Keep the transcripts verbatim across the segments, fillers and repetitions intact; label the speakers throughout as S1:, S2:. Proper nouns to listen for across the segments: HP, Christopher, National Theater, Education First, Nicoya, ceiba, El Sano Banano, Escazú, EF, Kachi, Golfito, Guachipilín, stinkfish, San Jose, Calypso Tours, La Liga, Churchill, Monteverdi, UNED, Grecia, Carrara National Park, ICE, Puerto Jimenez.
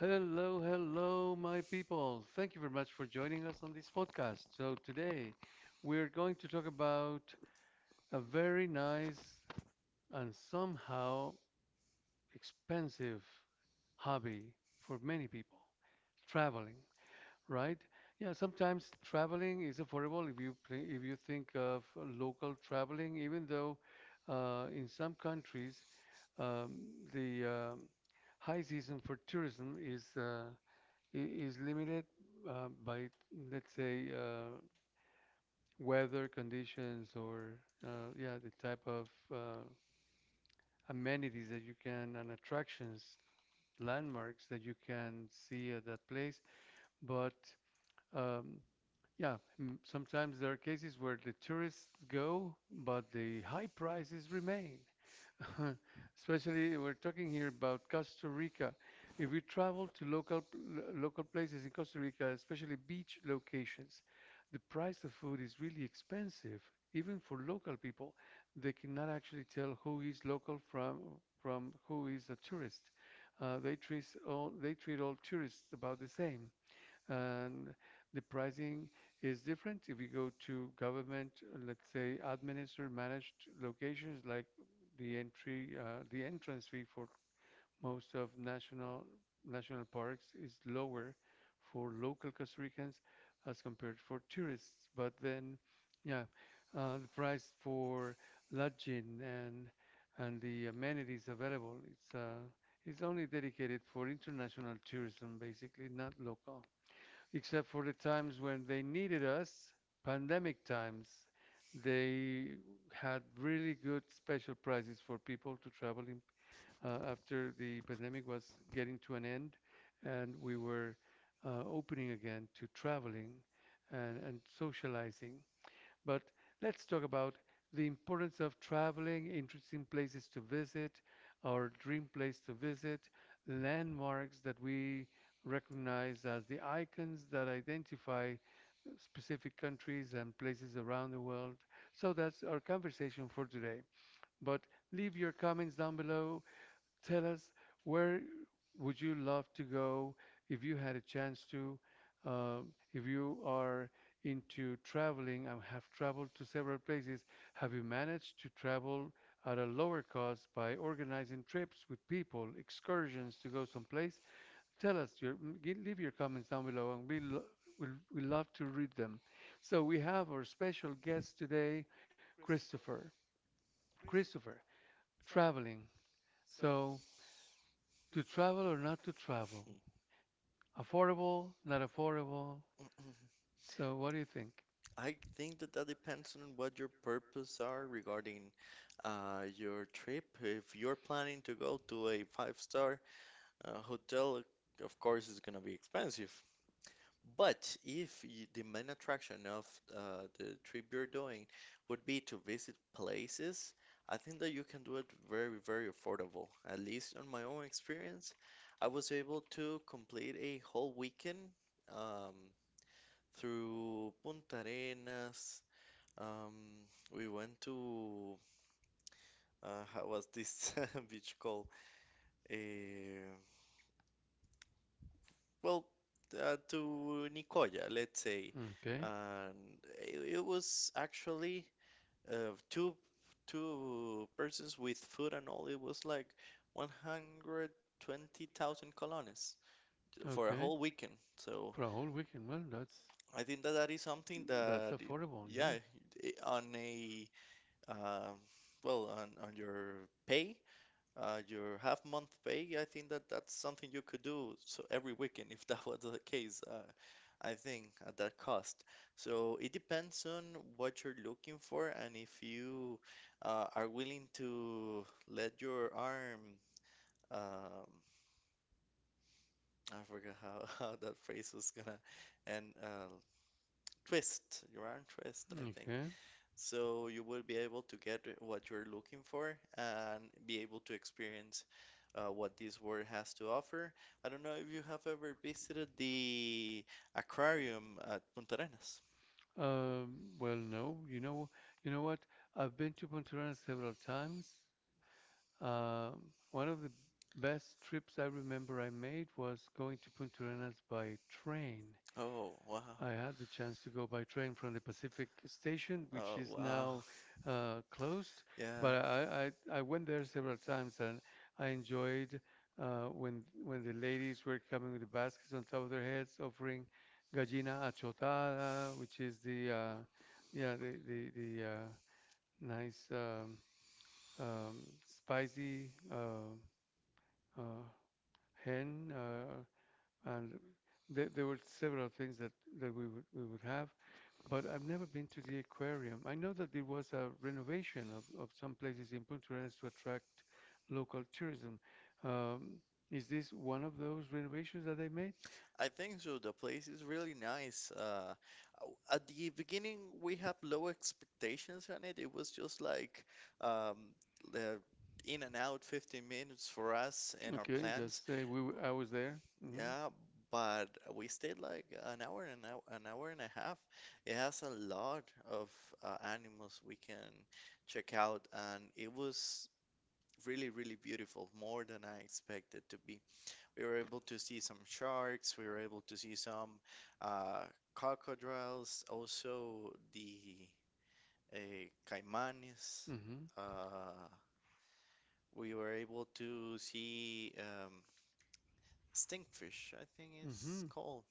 S1: Hello, hello, my people. Thank you very much for joining us on this podcast. So, today we're going to talk about a very nice and somehow expensive hobby for many people traveling, right? Yeah, sometimes traveling is affordable if you pl- if you think of local traveling, even though uh, in some countries um, the um high season for tourism is uh, is limited uh, by, let's say, uh, weather conditions or, uh, yeah, the type of uh, amenities that you can and attractions, landmarks that you can see at that place. But um, yeah, m- sometimes there are cases where the tourists go, but the high prices remain. Especially, we're talking here about Costa Rica. If we travel to local local places in Costa Rica, especially beach locations, the price of food is really expensive, even for local people. They cannot actually tell who is local from from who is a tourist. Uh, they treat all they treat all tourists about the same and the pricing is different. If you go to government, uh, let's say administered managed locations, like the entry, uh, the entrance fee for most of national national parks is lower for local Costa Ricans as compared for tourists. But then, yeah, uh, the price for lodging and and the amenities available, it's uh, it's only dedicated for international tourism, basically, not local except for the times when they needed us, pandemic times, they had really good special prices for people to travel in, uh, after the pandemic was getting to an end and we were uh, opening again to traveling and, and socializing. But let's talk about the importance of traveling, interesting places to visit, our dream place to visit, landmarks that we recognize as the icons that identify specific countries and places around the world. So that's our conversation for today. But leave your comments down below. Tell us where would you love to go if you had a chance to? Um, if you are into traveling and have traveled to several places, have you managed to travel at a lower cost by organizing trips with people, excursions to go someplace? Tell us your m- gi- leave your comments down below, and we lo we will we love to read them. So we have our special guest today, Christopher. Christopher, traveling. So to travel or not to travel?
S2: Hmm.
S1: Affordable, not affordable? So what do you think?
S2: I think that that depends on what your purpose are regarding uh, your trip. If you're planning to go to a five-star uh, hotel, of course it's gonna be expensive. But if y the main attraction of uh, the trip you're doing would be to visit places, I think that you can do it very, very affordable. At least on my own experience, I was able to complete a whole weekend. Um, Through Punta Arenas. Um, we went to uh, how was this beach called? Eh, well, uh, to Nicoya, let's say.
S1: Say. Okay.
S2: And it, it was actually uh, two two persons with food and all. It was like one hundred twenty thousand colones
S1: For a.
S2: for a
S1: Okay.
S2: whole weekend. So.
S1: For a whole weekend. Well, that's
S2: I think that that is something
S1: that's
S2: that, it-
S1: affordable, yeah.
S2: yeah, i- on a uh, well, on, on your pay, uh, your half month pay, I think that that's something you could do so every weekend if that was the case. Uh, I think at that cost. So it depends on what you're looking for and if you uh, are willing to let your arm, um, I forgot how, how that phrase was gonna, and uh, twist your arm twist, I think.
S1: Okay.
S2: So you will be able to get what you're looking for and be able to experience uh, what this world has to offer. I don't know if you have ever visited the aquarium at Punta Arenas.
S1: Um, well, no, you know, you know what? I've been to Punta Arenas several times. Um, One of the best trips I remember I made was going to Punta Arenas by train.
S2: Oh, wow.
S1: I had the chance to go by train from the Pacific Station, which
S2: Oh,
S1: is
S2: wow.
S1: now uh, closed,
S2: Yeah.
S1: but I, I, I went there several times and I enjoyed uh, when when the ladies were coming with the baskets on top of their heads offering gallina achotada, which is the uh, yeah the the, the uh, nice um, um, spicy. Uh, uh, hen, uh, and there, there were several things that, that we would we would have, but I've never been to the aquarium. I know that there was a renovation of, of some places in Punta Arenas to attract local tourism. Um, is this one of those renovations that they made?
S2: I think so. The place is really nice. Uh, w- at the beginning, we have low expectations on it. It was just like um, the
S1: In
S2: in
S1: and
S2: and
S1: out
S2: out fifteen
S1: fifteen minutes
S2: minutes
S1: for
S2: for
S1: us.
S2: us
S1: And
S2: and our
S1: Okay, then just
S2: plans.
S1: say we
S2: B-
S1: w- I was there. Mm-hmm. Yeah,
S2: Yeah, but we stayed like an hour and hour, an hour and a half. It has a lot of uh, animals we can check out, and it was really, really beautiful, more than I expected to be. We were able to see some sharks. We were able to see some uh, crocodiles, also the uh,
S1: a caimanes,
S2: caimanes.
S1: mm-hmm, stingfish,
S2: Uh, we were able to see um,
S1: I think
S2: stinkfish, I think
S1: it's, mm-hmm,
S2: it's
S1: called.
S2: called.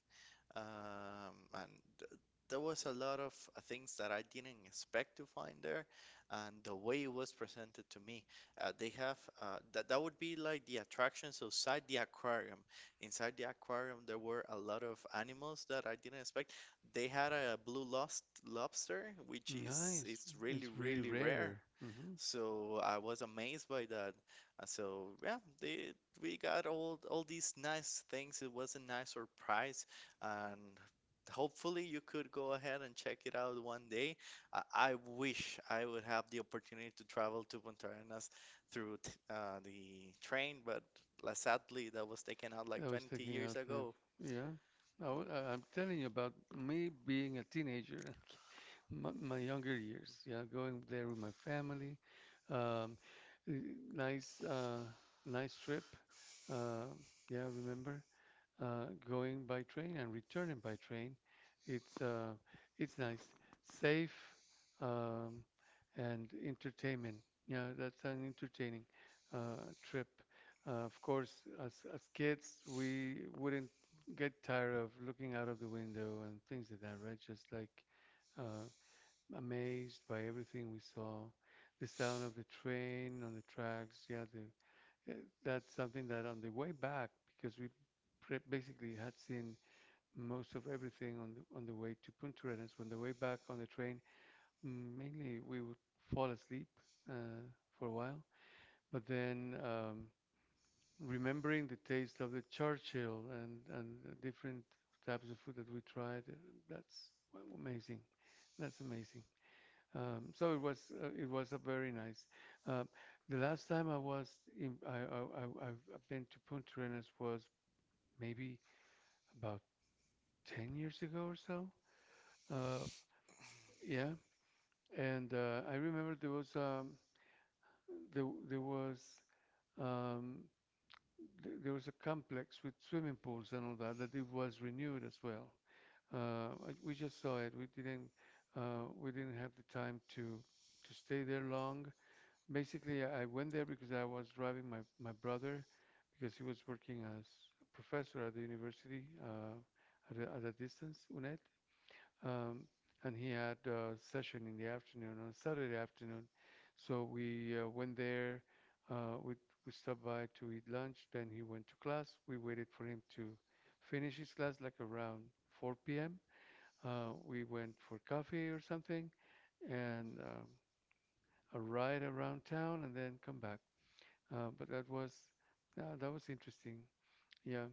S2: Um, and th- there was a lot of uh, things that I didn't expect to find there, and the way it was presented to me, uh, they have uh, that that would be like the attractions outside the aquarium. Inside the aquarium, there were a lot of animals that I didn't expect. They had a blue lost lobster, which is
S1: Nice.
S2: it's really
S1: It's really
S2: really rare.
S1: rare. Hmm.
S2: So I was amazed by that. Uh, So yeah, they, we got all all these nice things. It was a nice surprise, and hopefully you could go ahead and check it out one day. I, I wish I would have the opportunity to travel to Punta Arenas through t uh, the train, but la- sadly that was taken out like
S1: Like I was
S2: twenty
S1: taking
S2: years
S1: out like, ago.
S2: ago.
S1: Yeah. I, w- I- I'm telling you about me being a teenager, my, my younger years. Yeah, going there with my family. Um, n- nice, uh, nice trip. Uh, yeah, remember? Uh, going by train and returning by train. It's uh, it's nice, safe, um, and entertainment. Yeah, that's an entertaining uh, trip. Uh, of course, as as kids, we wouldn't get tired of looking out of the window and things like that, right? Just like uh, amazed by everything we saw, the sound of the train on the tracks. Yeah, the uh, That's something that on the way back, because we pre- basically had seen most of everything on the on the way to Punta Arenas. On the way back on the train, mainly we would fall asleep uh, for a while, but then um, remembering the taste of the Churchill and and the different types of food that we tried, uh, that's wa- amazing. That's amazing. Um, so it was uh, it was a very nice. Uh, the last time I was in, I, I, I I've been to Punta Arenas was maybe about ten years ago or so. Uh, yeah, and uh, I remember there was um, there there was um, th- there was a complex with swimming pools and all that that it was renewed as well. Uh, I- we just saw it. We didn't uh, we didn't have the time to to stay there long. Basically, I went there because I was driving my, my brother because he was working as a professor at the university uh, at, a, at a distance, U N E D. Um, and he had a session in the afternoon, on Saturday afternoon. So we uh, went there. Uh, we, we stopped by to eat lunch. Then he went to class. We waited for him to finish his class like around four p m. Uh, we went for coffee or something and um, a ride around town and then come back. Uh, but that was uh, that was interesting. Yeah,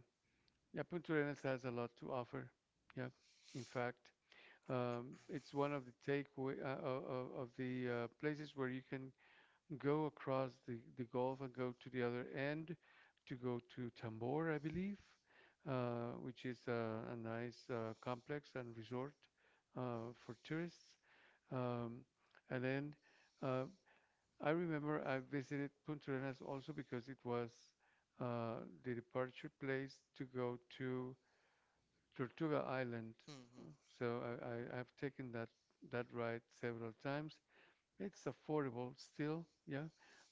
S1: yeah. Punta Arenas has a lot to offer. Yeah, in fact, um, it's one of the takeaway uh, of, of the uh, places where you can go across the, the Gulf and go to the other end to go to Tambor, I believe, uh, which is uh, a nice uh, complex and resort uh, for tourists. Um, and then uh, I remember I visited Puntarenas also because it was uh, the departure place to go to Tortuga Island.
S2: hmm
S1: Uh, So I, I, I've taken that that ride several times. It's affordable still, yeah,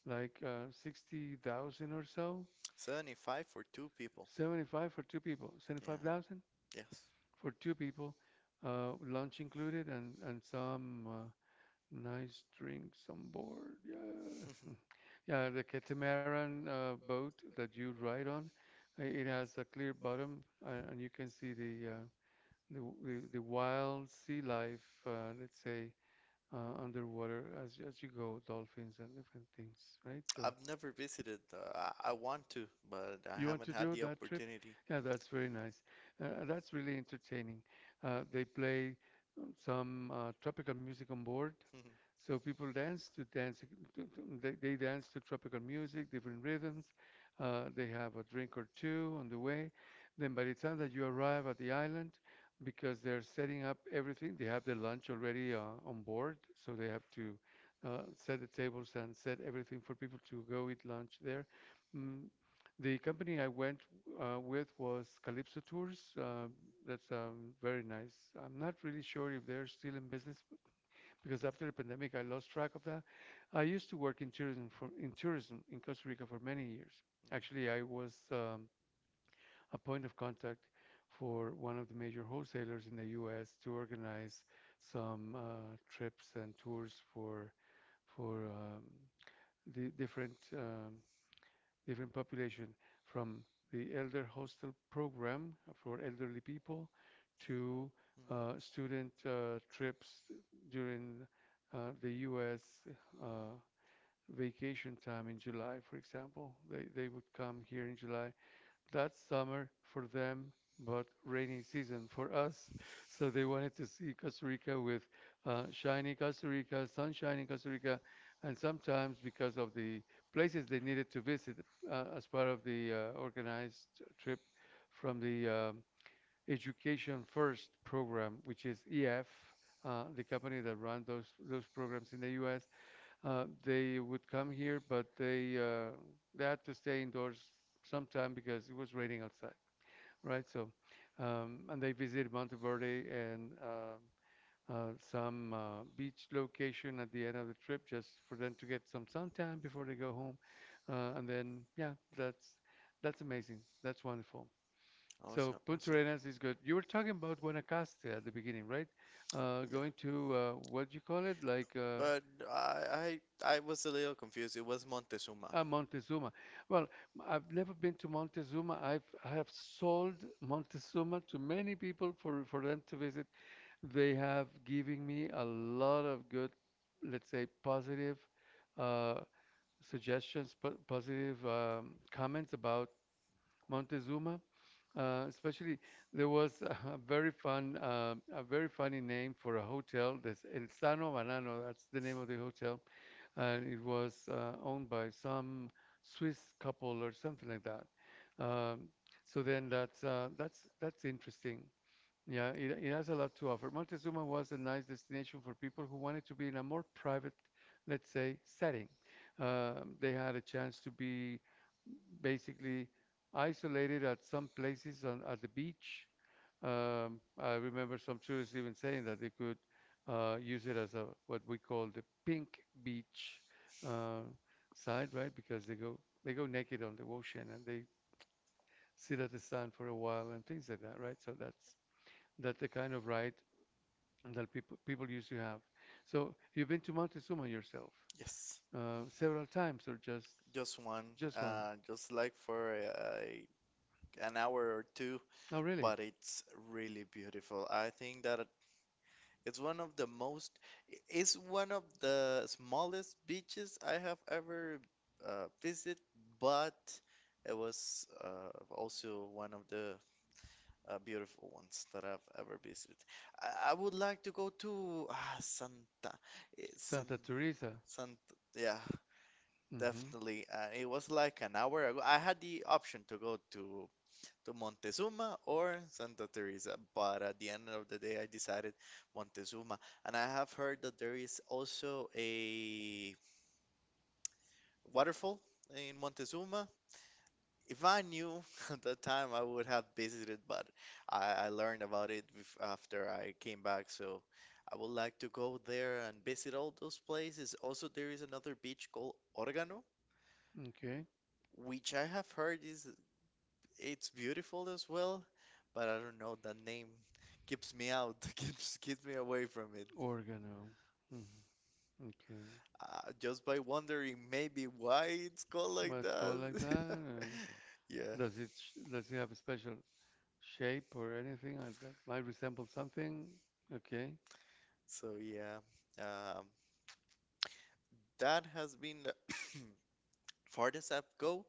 S1: like uh, sixty thousand or so.
S2: seventy-five for two people.
S1: seventy-five for two people,
S2: Yeah.
S1: seventy-five thousand
S2: Yes.
S1: for two people, uh, lunch included and, and some uh, nice drinks on board. Yeah. Yeah, the catamaran uh, boat that you ride on, uh, it has a clear bottom, uh, and you can see the uh, the, w- the the wild sea life, uh, let's say, uh, underwater as you- as you go, dolphins and different things, right? So
S2: I've never visited. Uh, I, I want to, but I
S1: you want
S2: haven't
S1: to
S2: had
S1: do
S2: the
S1: that trip?
S2: opportunity.
S1: Yeah, that's very nice. Uh, that's really entertaining. Uh, they play some uh, tropical music on board,
S2: Mhm.
S1: so people dance to dance, to, to, they, they dance to tropical music, different rhythms. Uh, they have a drink or two on the way. Then by the time that you arrive at the island, because they're setting up everything, they have their lunch already uh, on board, so they have to uh, set the tables and set everything for people to go eat lunch there. Mm, the company I went uh, with was Calypso Tours. Uh, that's um, Very nice. I'm not really sure if they're still in business, because after the pandemic, I lost track of that. I used to work in tourism for, in tourism in Costa Rica for many years. Actually, I was um, a point of contact for one of the major wholesalers in the U S to organize some uh, trips and tours for for um, the different um, different population from the elder hostel program for elderly people to uh,
S2: Mhm.
S1: student uh, trips during uh, the U S. Uh, vacation time in July, for example. They, they would come here in July, that's summer for them, but rainy season for us. So they wanted to see Costa Rica with uh, shiny Costa Rica, sunshiny Costa Rica, and sometimes because of the places they needed to visit uh, as part of the uh, organized trip from the um, Education First program, which is E F, uh, the company that run those those programs in the U S. Uh, they would come here, but they uh, they had to stay indoors sometime because it was raining outside, right? So, um, and they visited Monteverde and uh, uh, some uh, beach location at the end of the trip just for them to get some suntan before they go home. Uh, and then, yeah, that's that's amazing. That's wonderful. So
S2: Awesome,
S1: Punta
S2: awesome.
S1: Arenas is good. You were talking about Guanacaste at the beginning, right? Uh,
S2: Yeah.
S1: going to uh, what do you call it? Like uh,
S2: But I, I I was a little confused. It was Montezuma.
S1: uh, Montezuma. Well, m- I've never been to Montezuma. I've I have sold Montezuma to many people for for them to visit. They have given me a lot of good, let's say, positive uh, suggestions, po positive um, comments about Montezuma. Uh, especially there was a a very fun, uh, a very funny name for a hotel. That's El Sano Banano. That's the name of the hotel, and it was uh, owned by some Swiss couple or something like that. Um, so then that's uh, that's that's interesting. Yeah, it, it has a lot to offer. Montezuma was a nice destination for people who wanted to be in a more private, let's say, setting. Um, they had a chance to be basically isolated at some places on at the beach. Um, I remember some tourists even saying that they could uh, use it as a what we call the pink beach uh, side, right? Because they go they go naked on the ocean and they sit at the sun for a while and things like that, right? So that's that's the kind of right that people people used to have. So you've been to Montezuma yourself,
S2: Yes,
S1: uh, several times or just
S2: just one.
S1: just one?
S2: Uh, just like for uh, an hour or two,
S1: Oh, really?
S2: but it's really beautiful. I think that It's one of the most, it's one of the smallest beaches I have ever uh, visited, but it was uh, also one of the uh, beautiful ones that I've ever visited. I, I would like to go to ah, Santa, eh, San,
S1: Santa Teresa.
S2: Santa, yeah,
S1: Hmm.
S2: definitely. And it was like an hour ago. I had the option to go to to Montezuma or Santa Teresa. But at the end of the day, I decided Montezuma. And I have heard that there is also a waterfall in Montezuma. If I knew at that time, I would have visited, but I, I learned about it bef- after I came back. So I would like to go there and visit all those places. Also, there is another beach called Organo,
S1: Okay.
S2: which I have heard is it's beautiful as well, but I don't know, that name keeps me out, keeps keeps me away from it.
S1: Oregano. Hmm. Okay.
S2: Uh, just by
S1: Uh,
S2: wondering maybe why it's called
S1: Well,
S2: like
S1: it's that. Called like.
S2: that.
S1: And
S2: Yeah.
S1: does it sh- does it have a special shape or anything or that might resemble something? Okay.
S2: So yeah, um, that has been the farthest I've go.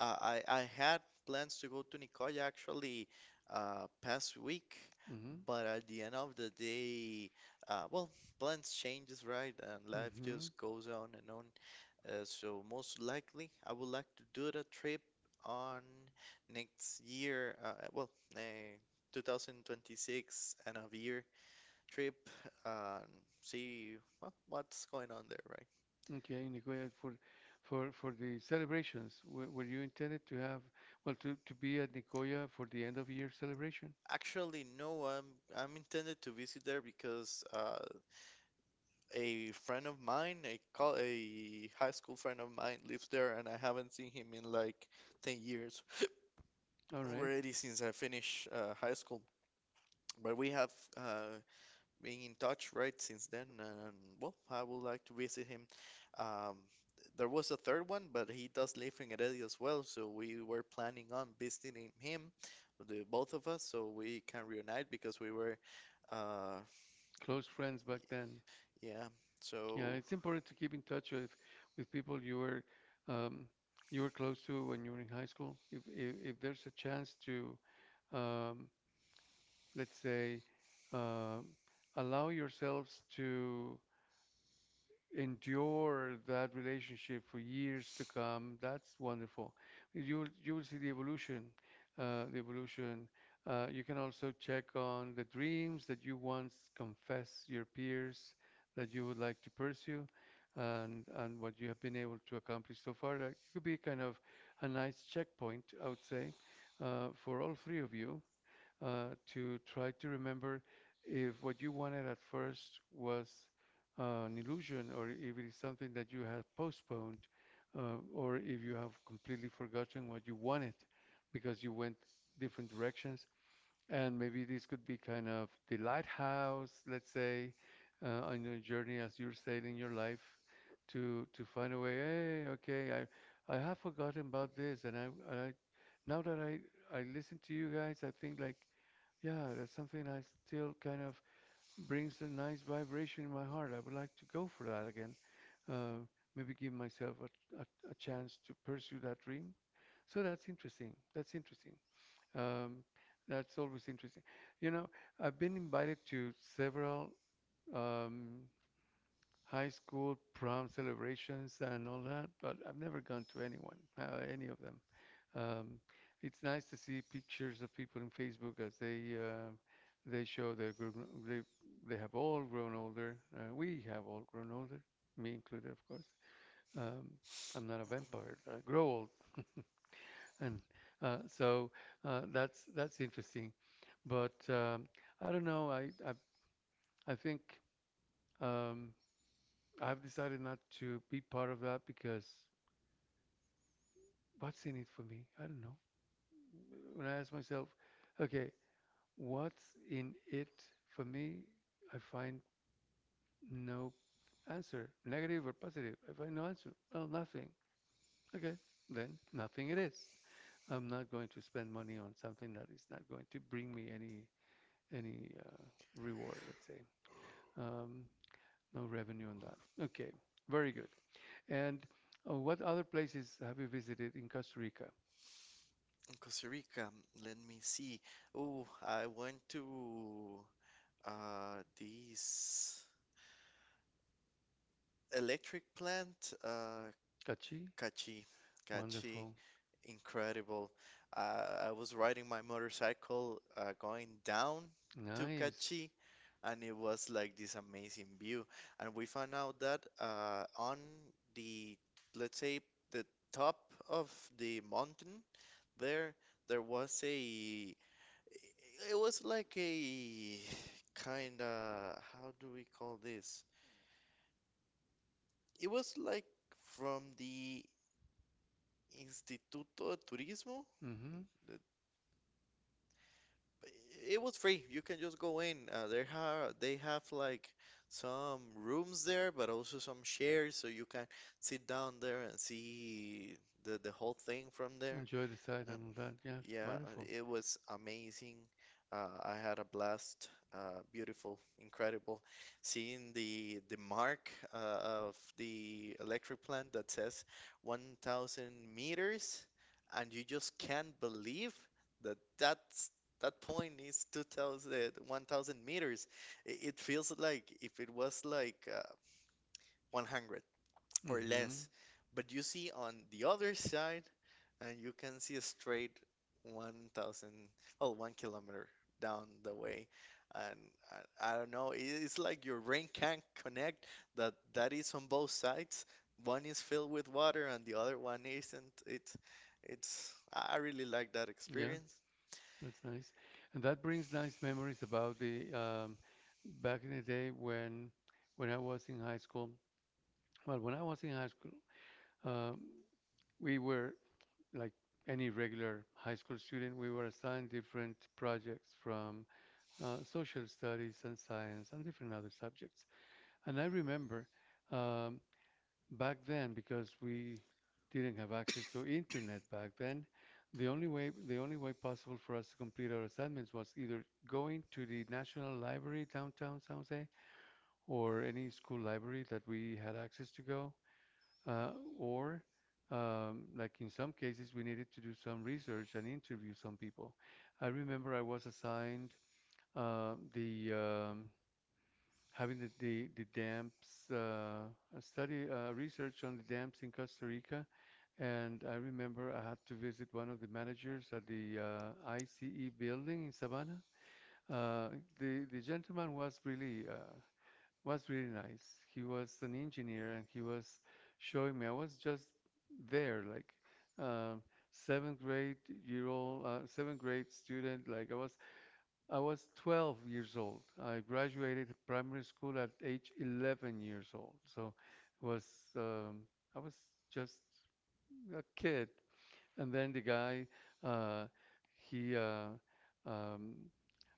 S2: Uh, I I had plans to go to Nicoya actually uh, past week,
S1: Mm-hmm.
S2: but at the end of the day, uh, well, plans changes, right? And life
S1: Mm-hmm.
S2: just goes on and on. Uh, so most likely, I would like to do the trip on next year. Uh, well, uh, two thousand twenty-six end of year trip. Um, See well, what's going on there, right?
S1: On. Okay, Nicoya, for for for the celebrations, were, were you intended to have well to to be at Nicoya for the end of year celebration?
S2: Actually, no. I'm I'm intended to visit there because uh, a friend of mine, a col a high school friend of mine, lives there, and I haven't seen him in like ten years
S1: All right.
S2: already since I finished uh, high school. But we have uh, being in touch right since then. And well, I would like to visit him. um there was a third one, but he does live in Heredia as well, so we were planning on visiting him, the both of us, so we can reunite because we were, uh
S1: Close friends back then.
S2: yeah.
S1: Yeah,
S2: So
S1: it's important to keep in touch with with people you were um, you were close to when you were in high school. If if, if there's a chance to, um, let's say, um allow yourselves to endure that relationship for years to come, that's wonderful. You'll you'll see the evolution, uh, the evolution. Uh, you can also check on the dreams that you once confessed your peers that you would like to pursue, and and what you have been able to accomplish so far. That could be kind of a nice checkpoint, I would say, uh, for all three of you uh, to try to remember if what you wanted at first was uh, an illusion or if it is something that you have postponed uh, or if you have completely forgotten what you wanted because you went different directions. And maybe this could be kind of the lighthouse, let's say, uh, on your journey as you're sailing your life to to find a way. Hey, okay, I I have forgotten about this, and I and I now that I I listen to you guys, I think like yeah, that's something that still kind of brings a nice vibration in my heart. I would like to go for that again. Uh, Maybe give myself a, a, a chance to pursue that dream. So that's interesting. That's interesting. Um, that's always interesting. You know, I've been invited to several um, high school prom celebrations and all that, but I've never gone to anyone, uh, any of them. Um, it's nice to see pictures of people in Facebook as they uh, they show their gr- gr- they they have all grown older. Uh, we have all grown older, me included, of course. Um, I'm not a vampire. I grow old, and uh, so uh, that's that's interesting. But um, I don't know. I I, I think. Um, I've decided not to be part of that because what's in it for me? I don't know. When I ask myself, okay, what's in it for me? I find no answer, negative or positive. I find no answer. Well, nothing. Okay, then nothing it is. I'm not going to spend money on something that is not going to bring me any any uh, reward. Let's say um, no revenue on that. Okay, very good. And uh, what other places have you visited in Costa Rica?
S2: in Costa Rica, let me see. Oh, I went to uh this electric plant, uh
S1: Kachi.
S2: Cachi. Cachi.
S1: Wonderful.
S2: Incredible. Uh, I was riding my motorcycle uh, going down to
S1: Nice.
S2: Cachi, and it was like this amazing view. And we found out that uh, on the, let's say, the top of the mountain, there, there was a, it was like a kind of, how do we call this? It was like from the Instituto de Turismo.
S1: Mm-hmm.
S2: It was free. You can just go in. Uh, they have they have like some rooms there, but also some chairs, so you can sit down there and see the the whole thing from there.
S1: Enjoy the sight
S2: And
S1: and all that. Yes.
S2: yeah, uh,
S1: Wonderful.
S2: it was amazing. Uh, I had a blast. Uh, beautiful, incredible. Seeing the the mark uh, of the electric plant that says one thousand meters, and you just can't believe that that's that point is two thousand one thousand meters. I- it feels like if it was like uh, one hundred or
S1: Mm-hmm.
S2: less, but you see on the other side and you can see a straight one thousand oh one kilometer down the way. And I, I don't know, i- it's like your brain can't connect that that is on both sides. One is filled with water and the other one isn't. It's it's I I really like that
S1: Yeah,
S2: experience.
S1: that's nice. And that brings nice memories about the um, back in the day when when I was in high school. Well, when I was in high school, um, we were like any regular high school student. We were assigned different projects from uh, social studies and science and different other subjects. And I remember um, back then, because we didn't have access to internet back then, the only way the only way possible for us to complete our assignments was either going to the National Library downtown San Jose or any school library that we had access to go, uh, or um, like in some cases we needed to do some research and interview some people. I remember I was assigned uh, the um, having the the, the dams uh, a study uh, research on the dams in Costa Rica, and I remember I had to visit one of the managers at the uh, I C E building in Savannah. Uh, the the gentleman was really uh, was really nice. He was an engineer, and he was showing me. I was just there, like. Um, Seventh grade year old uh, seventh grade student like I was I was twelve years old. I graduated primary school at age eleven years old. So it was um, I was just a kid. And then the guy uh, he uh, um,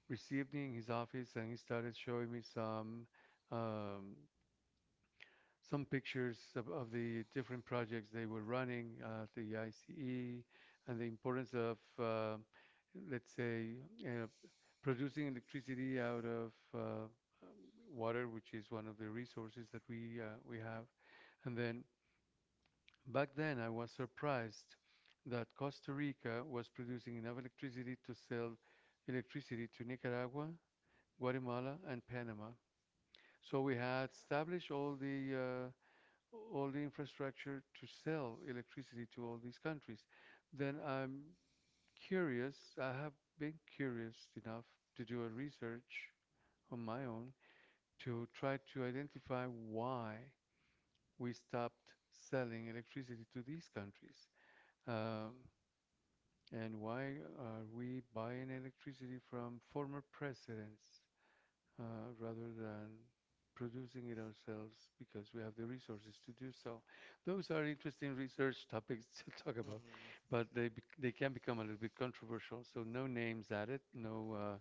S1: received me in his office and he started showing me some um, some pictures of, of the different projects they were running at the I C E and the importance of, uh, let's say, uh, producing electricity out of uh, um, water, which is one of the resources that we uh, we have. And then back then, I was surprised that Costa Rica was producing enough electricity to sell electricity to Nicaragua, Guatemala, and Panama. So we had established all the uh, all the infrastructure to sell electricity to all these countries, then I'm curious. I have been curious enough to do a research on my own to try to identify why we stopped selling electricity to these countries. Um, and why are we buying electricity from former presidents? Uh, rather than producing it ourselves because we have the resources to do so. Those are interesting research topics to talk about,
S2: Mhm.
S1: but they bec they can become a little bit controversial. So no names added, no uh,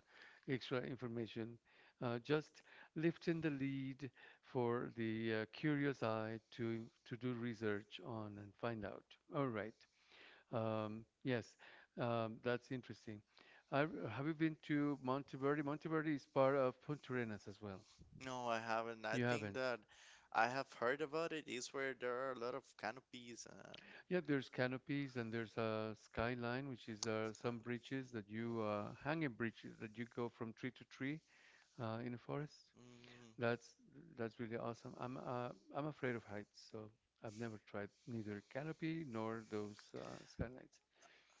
S1: extra information, uh, just lifting the lead for the uh, curious eye to to do research on and find out. All right. Um, yes, um, that's interesting. I, have you been to Monteverdi? Monteverdi is part of Puntarenas as well.
S2: No, I haven't. I
S1: You
S2: think
S1: haven't.
S2: that I have heard about it is where there are a lot of canopies and
S1: Yeah, there's canopies and there's a skyline, which is uh, some bridges that you uh, hanging bridges that you go from tree to tree uh, in a forest.
S2: mm,
S1: That's that's really awesome. I'm uh, I'm afraid of heights, so I've never tried neither canopy nor those uh, skylines.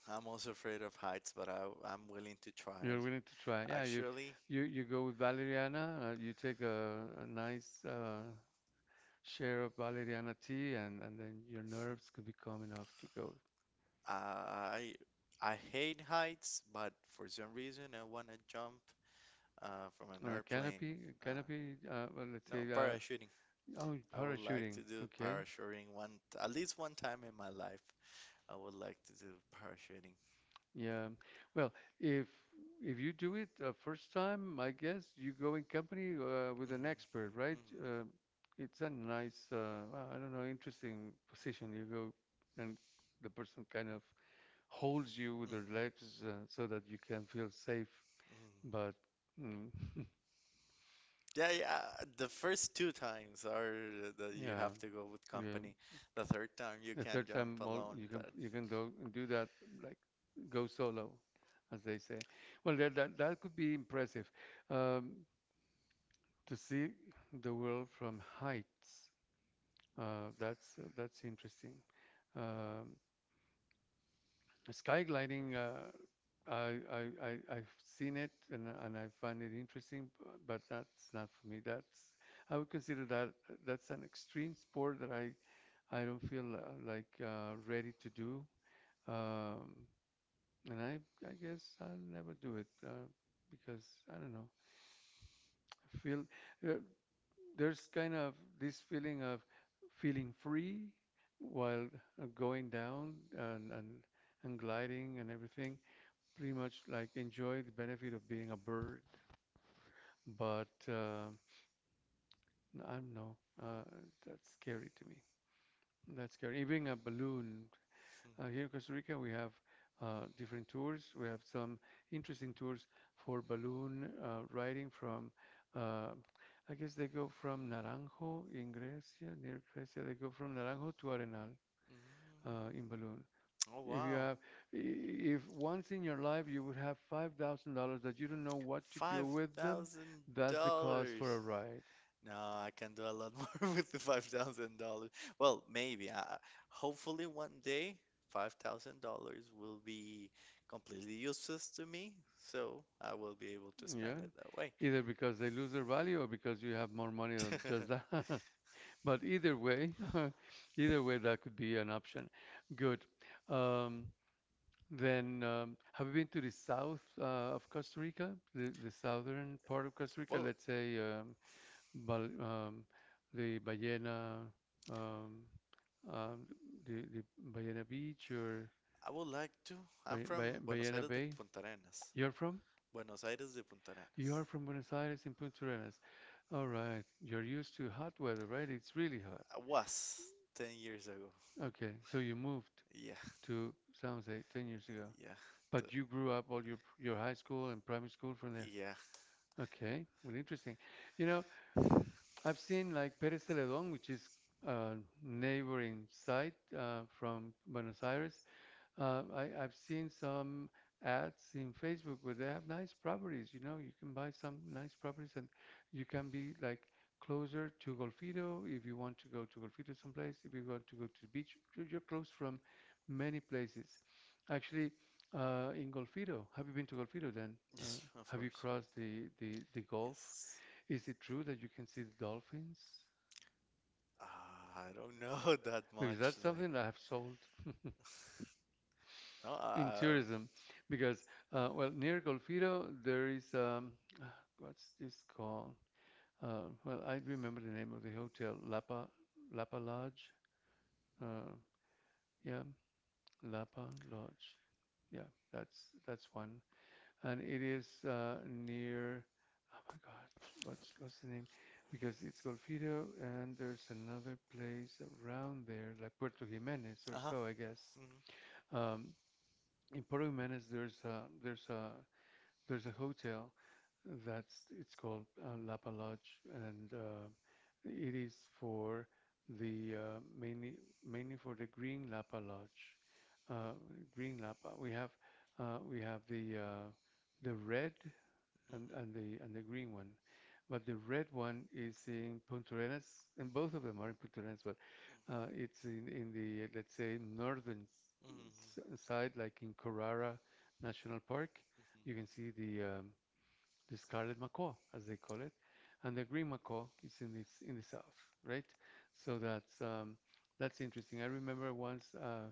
S2: I'm also afraid of heights, but I, I'm willing to try
S1: You're
S2: it. it.
S1: willing to try. Yeah, you
S2: Actually,
S1: you you go with valeriana, uh, you take a, a nice uh, share of valeriana tea and and then your nerves could be calm enough to go.
S2: coming I I hate heights, but for some reason I want to jump uh, from an
S1: On a
S2: airplane.
S1: canopy,
S2: Uh,
S1: canopy, uh, well, let's
S2: no,
S1: say, uh,
S2: parachuting.
S1: Parachuting. Oh, I
S2: I would like
S1: parachuting.
S2: to
S1: I'll
S2: do
S1: Okay.
S2: parachuting one, at least one time in my life. I would like to do parachuting.
S1: Yeah. Well, if if you do it uh, first time, I guess you go in company uh, with
S2: Mhm,
S1: an
S2: mhm,
S1: expert, right? Uh, it's a nice, uh, well, I don't know, interesting position. You go and the person kind of holds you with their
S2: mhm,
S1: legs uh, so that you can feel safe.
S2: mhm.
S1: But mm,
S2: Yeah, yeah. The first two times are that you
S1: Yeah,
S2: have to go with
S1: yeah.
S2: company. The third time you
S1: The
S2: can
S1: third
S2: jump
S1: time mol-
S2: alone,
S1: you can
S2: but.
S1: you can go and do that like go solo, as they say. Well, that that, that could be impressive um, to see the world from heights. Uh, that's that's interesting. Um, Skygliding, uh, I, I, I, I've seen it and, and I find it interesting, b- but that's not for me. That's, I would consider that that's an extreme sport that I, I don't feel uh, like uh, ready to do. Um, and I, I guess I'll never do it uh, because I don't know. I feel uh, there's kind of this feeling of feeling free while uh, going down and, and, and gliding and everything pretty much like enjoy the benefit of being a bird, but uh, I don't know. Uh, that's scary to me. That's scary. Even a balloon. Uh, here
S2: Mhm.
S1: in Costa Rica, we have uh, different tours. We have some interesting tours for balloon uh, riding from, uh, I guess they go from Naranjo in Grecia, near Grecia. They go from Naranjo to Arenal.
S2: Mm.
S1: uh, in balloon.
S2: Oh,
S1: If you
S2: wow.
S1: have, i- if once in your life you would have five thousand dollars that you don't know what to do with them, that's the
S2: five thousand dollars.
S1: cause for a ride.
S2: No, I can do a lot more with the five thousand dollars. Well, maybe. I, hopefully, one day, five thousand dollars will be completely useless to me, so I will be able to spend
S1: Yeah,
S2: it that way.
S1: either because they lose their value or because you have more money than just that. But either way, either way, that could be an option. Good. Um, then, um, have you been to the south uh, of Costa Rica, the, the southern part of Costa Rica?
S2: Well,
S1: Let's say, um, Bal, um, the Ballena, um, um, the, the Ballena Beach or
S2: I would like to. I'm
S1: Bay,
S2: from
S1: Bay,
S2: Buenos
S1: Ballena
S2: Aires de
S1: Bay.
S2: Punta Arenas.
S1: You're from?
S2: Buenos Aires de Punta
S1: You
S2: Arenas.
S1: are from Buenos Aires in Punta Arenas. All right. You're used to hot weather, right? It's really hot.
S2: I was ten years ago.
S1: Okay. So you moved
S2: Yeah,
S1: to San Jose ten years ago.
S2: yeah. the-
S1: But you grew up all your your high school and primary school from there.
S2: yeah,
S1: Okay. Well, interesting. You know, I've seen like Pérez Celedón, which is a neighboring site uh, from Buenos Aires. Uh, I, I've seen some ads in Facebook where they have nice properties. You know, you can buy some nice properties and you can be like closer to Golfito if you want to go to Golfito someplace. If you want to go to the beach, you're you're close from many places. Actually, uh, in Golfito, have you been to Golfito then? Uh,
S2: yes, of
S1: have you
S2: course.
S1: crossed the, the, the Gulf?
S2: Yes.
S1: Is it true that you can see the dolphins?
S2: Uh, I don't know that
S1: Because
S2: much.
S1: that's
S2: Like,
S1: something that I have sold
S2: no,
S1: in
S2: uh,
S1: tourism. Because, uh, well, near Golfito, there is, um, what's this called? Uh, well, I remember the name of the hotel, Lapa, Lapa Lodge. Uh, yeah, Lapa Lodge. Yeah, that's that's one. And it is uh, near. Oh my gosh, what's what's the name? Because it's Golfito, and there's another place around there, like Puerto Jimenez or
S2: uh huh.
S1: so, I guess.
S2: Hmm.
S1: Um, in Puerto Jimenez, there's a there's a there's a hotel that's it's called uh, Lapa Lodge, and uh, it is for the uh, mainly mainly for the Green Lapa Lodge, uh, Green Lapa. We have uh, we have the uh, the red and, and
S2: Mm-hmm.
S1: the and the green one. But the red one is in Puntarenas, and both of them are in Puntarenas, but uh, it's in, in the, let's say, northern s-
S2: Mm-hmm.
S1: side, like in Carrara National Park. You can see the um, the scarlet macaw, as they call it, and the green macaw is in this in the south, right? So that's um, that's interesting. I remember once uh,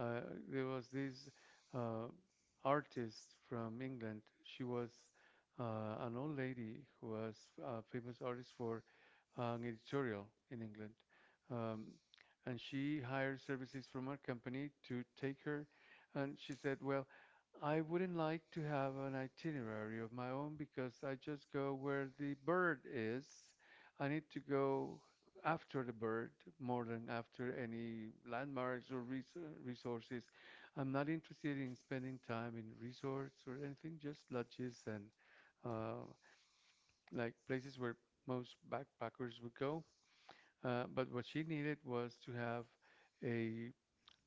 S1: uh, there was this uh, artist from England. She was uh, an old lady who was a famous artist for uh, an editorial in England. Um, and she hired services from our company to take her. And she said, Well, I wouldn't like to have an itinerary of my own because I just go where the bird is. I need to go after the bird more than after any landmarks or res resources. I'm not interested in spending time in resorts or anything, just lodges and uh, like places where most backpackers would go. Uh, but what she needed was to have a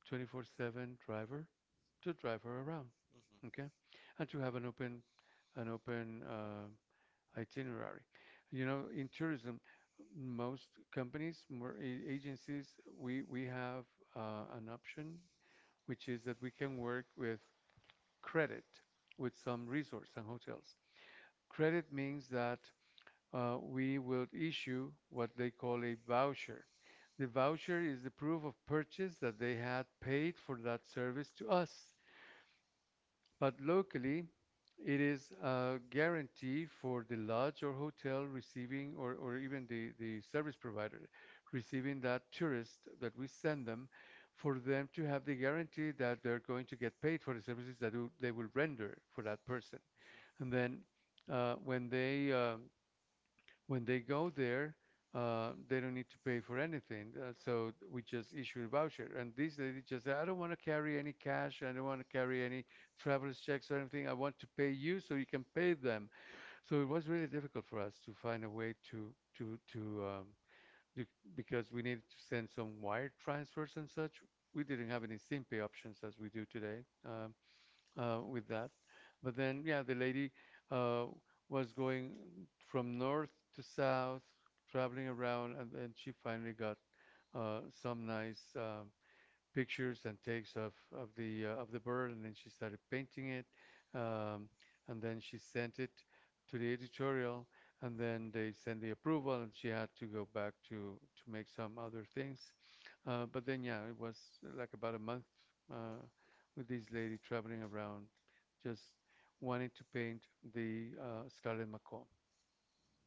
S1: twenty-four seven driver to drive her around,
S2: Mm-hmm.
S1: okay? And to have an open an open uh, itinerary. You know, in tourism, most companies, more a- agencies, we we have uh, an option which is that we can work with credit with some resorts and hotels. Credit means that uh, we will issue what they call a voucher. The voucher is the proof of purchase that they had paid for that service to us. But locally, it is a guarantee for the lodge or hotel receiving, or, or even the, the service provider receiving that tourist that we send them, for them to have the guarantee that they're going to get paid for the services that do- they will render for that person.
S2: Mm.
S1: And then uh, when they uh, when they go there, uh, they don't need to pay for anything. Uh, so we just issue a voucher. And this lady just said, I don't want to carry any cash. I don't want to carry any traveler's checks or anything. I want to pay you so you can pay them. So it was really difficult for us to find a way to to to um, do, because we needed to send some wire transfers and such. We didn't have any SIM pay options as we do today. Um, uh, with that. But then, yeah, the lady uh, was going from north to south, traveling around, and then she finally got uh, some nice uh, pictures and takes of of the uh, of the bird, and then she started painting it, um, and then she sent it to the editorial, and then they sent the approval, and she had to go back to to make some other things. Uh, but then, yeah, it was uh, like about a month uh, with this lady traveling around, just wanting to paint the uh, Scarlet Macaw.